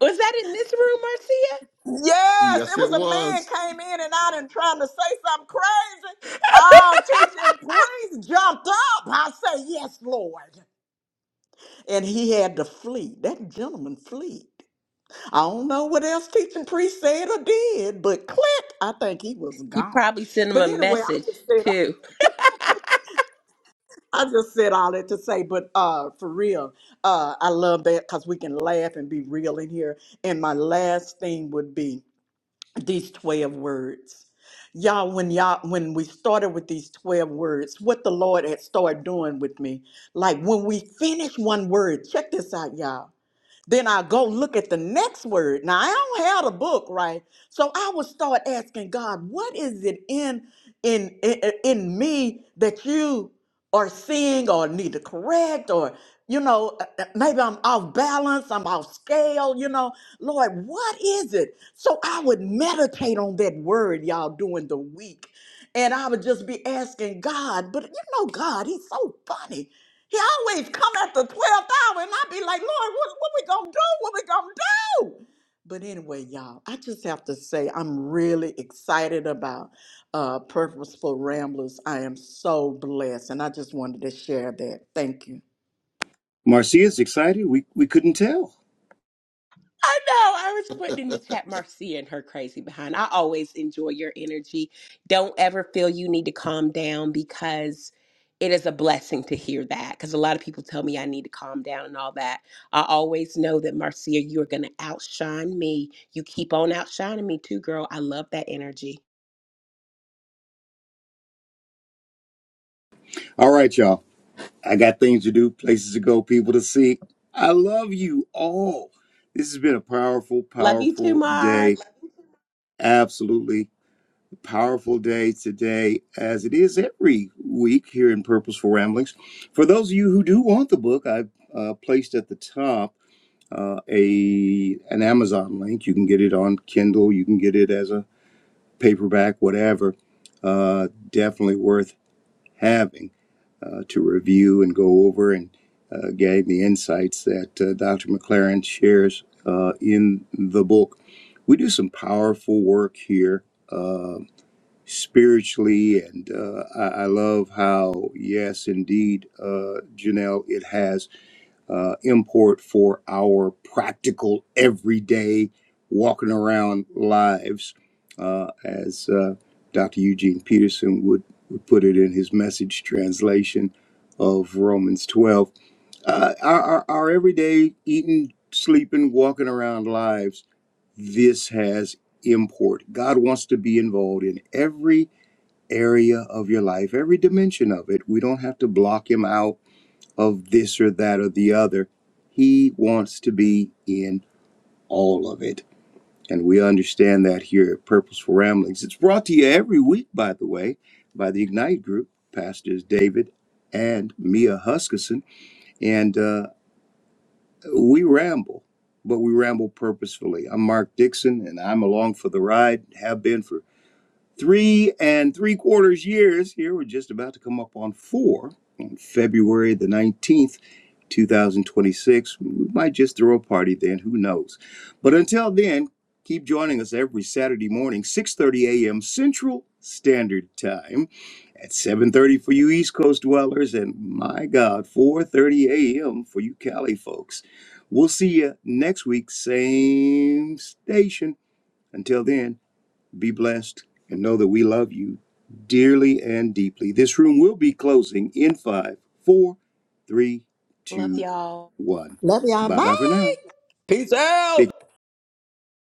Speaker 4: Was that in this room, Marcia?
Speaker 6: Yes,
Speaker 1: Yes,
Speaker 6: it
Speaker 1: it
Speaker 6: was a man
Speaker 1: was.
Speaker 6: came in and out and trying to say something crazy. Oh, teacher and priest jumped up. I say, yes, Lord. And he had to flee. That gentleman fled. I don't know what else teaching priest said or did, but click, I think he was
Speaker 4: You
Speaker 6: gone.
Speaker 4: probably sent him
Speaker 6: But
Speaker 4: a
Speaker 6: anyway, I
Speaker 4: message
Speaker 6: just said
Speaker 4: too.
Speaker 6: I just said all that to say, but uh for real, uh I love that because we can laugh and be real in here. And my last thing would be these 12 words. Y'all, when y'all when we started with these 12 words, what the Lord had started doing with me, like when we finish one word, check this out, y'all. Then I go look at the next word. Now I don't have the book, right? So I would start asking God, what is it in in in, in me that you are seeing or need to correct or you know uh, uh, maybe i'm off balance i'm off scale you know lord what is it so i would meditate on that word y'all during the week and i would just be asking god but you know god he's so funny he always come at the 12th hour, and i be like, Lord, what, what we gonna do? What we gonna do? But anyway, y'all, I just have to say I'm really excited about uh, Purposeful Ramblers. I am so blessed, and I just wanted to share that. Thank you.
Speaker 2: Marcia's excited. We we couldn't tell.
Speaker 4: I know. I was putting in the chat Marcia and her crazy behind. I always enjoy your energy. Don't ever feel you need to calm down because it is a blessing to hear that. Because a lot of people tell me I need to calm down and all that. I always know that Marcia, you are going to outshine me. You keep on outshining me too, girl. I love that energy.
Speaker 2: All right, y'all. I got things to do, places to go, people to see. I love you all. This has been a powerful,
Speaker 4: Love you too,
Speaker 2: powerful
Speaker 4: Mark.
Speaker 2: day. Absolutely powerful day today, as it is every week here in Purposeful Ramblings. For those of you who do want the book, I've uh, placed at the top. uh, a an Amazon link. You can get it on Kindle. You can get it as a paperback, whatever. Uh, definitely worth having uh, to review and go over and uh, gain the insights that uh, Dr. McLaren shares uh, in the book. We do some powerful work here. Uh, spiritually and uh, I, I love how yes indeed uh, janelle it has uh, import for our practical, everyday, walking around lives, uh, as uh, Dr. Eugene Peterson would, would put it in his message translation of Romans 12. Uh, our, our, our everyday eating, sleeping, walking around lives, this has import. God wants to be involved in every area of your life, every dimension of it. We don't have to block him out of this or that or the other. He wants to be in all of it. And we understand that here at Purposeful Ramblings. It's brought to you every week, by the way, by the Ignite Group, Pastors David and Mia Huskisson. And uh, we ramble, but we ramble purposefully. I'm Mark Dixon, and I'm along for the ride, have been for three and three quarters years here. We're just about to come up on four on February the 19th, 2026. We might just throw a party then, who knows? But until then, keep joining us every Saturday morning, 6:30 a.m. Central Standard Time at 7:30 for you East Coast dwellers and my God, 4:30 a.m. for you Cali folks. We'll see you next week, same station. Until then, be blessed and know that we love you dearly and deeply. This room will be closing in five, four, three,
Speaker 4: Love
Speaker 2: two,
Speaker 4: y'all.
Speaker 2: one.
Speaker 6: Love y'all.
Speaker 2: Bye
Speaker 6: Bye.
Speaker 2: bye for now.
Speaker 6: Peace out.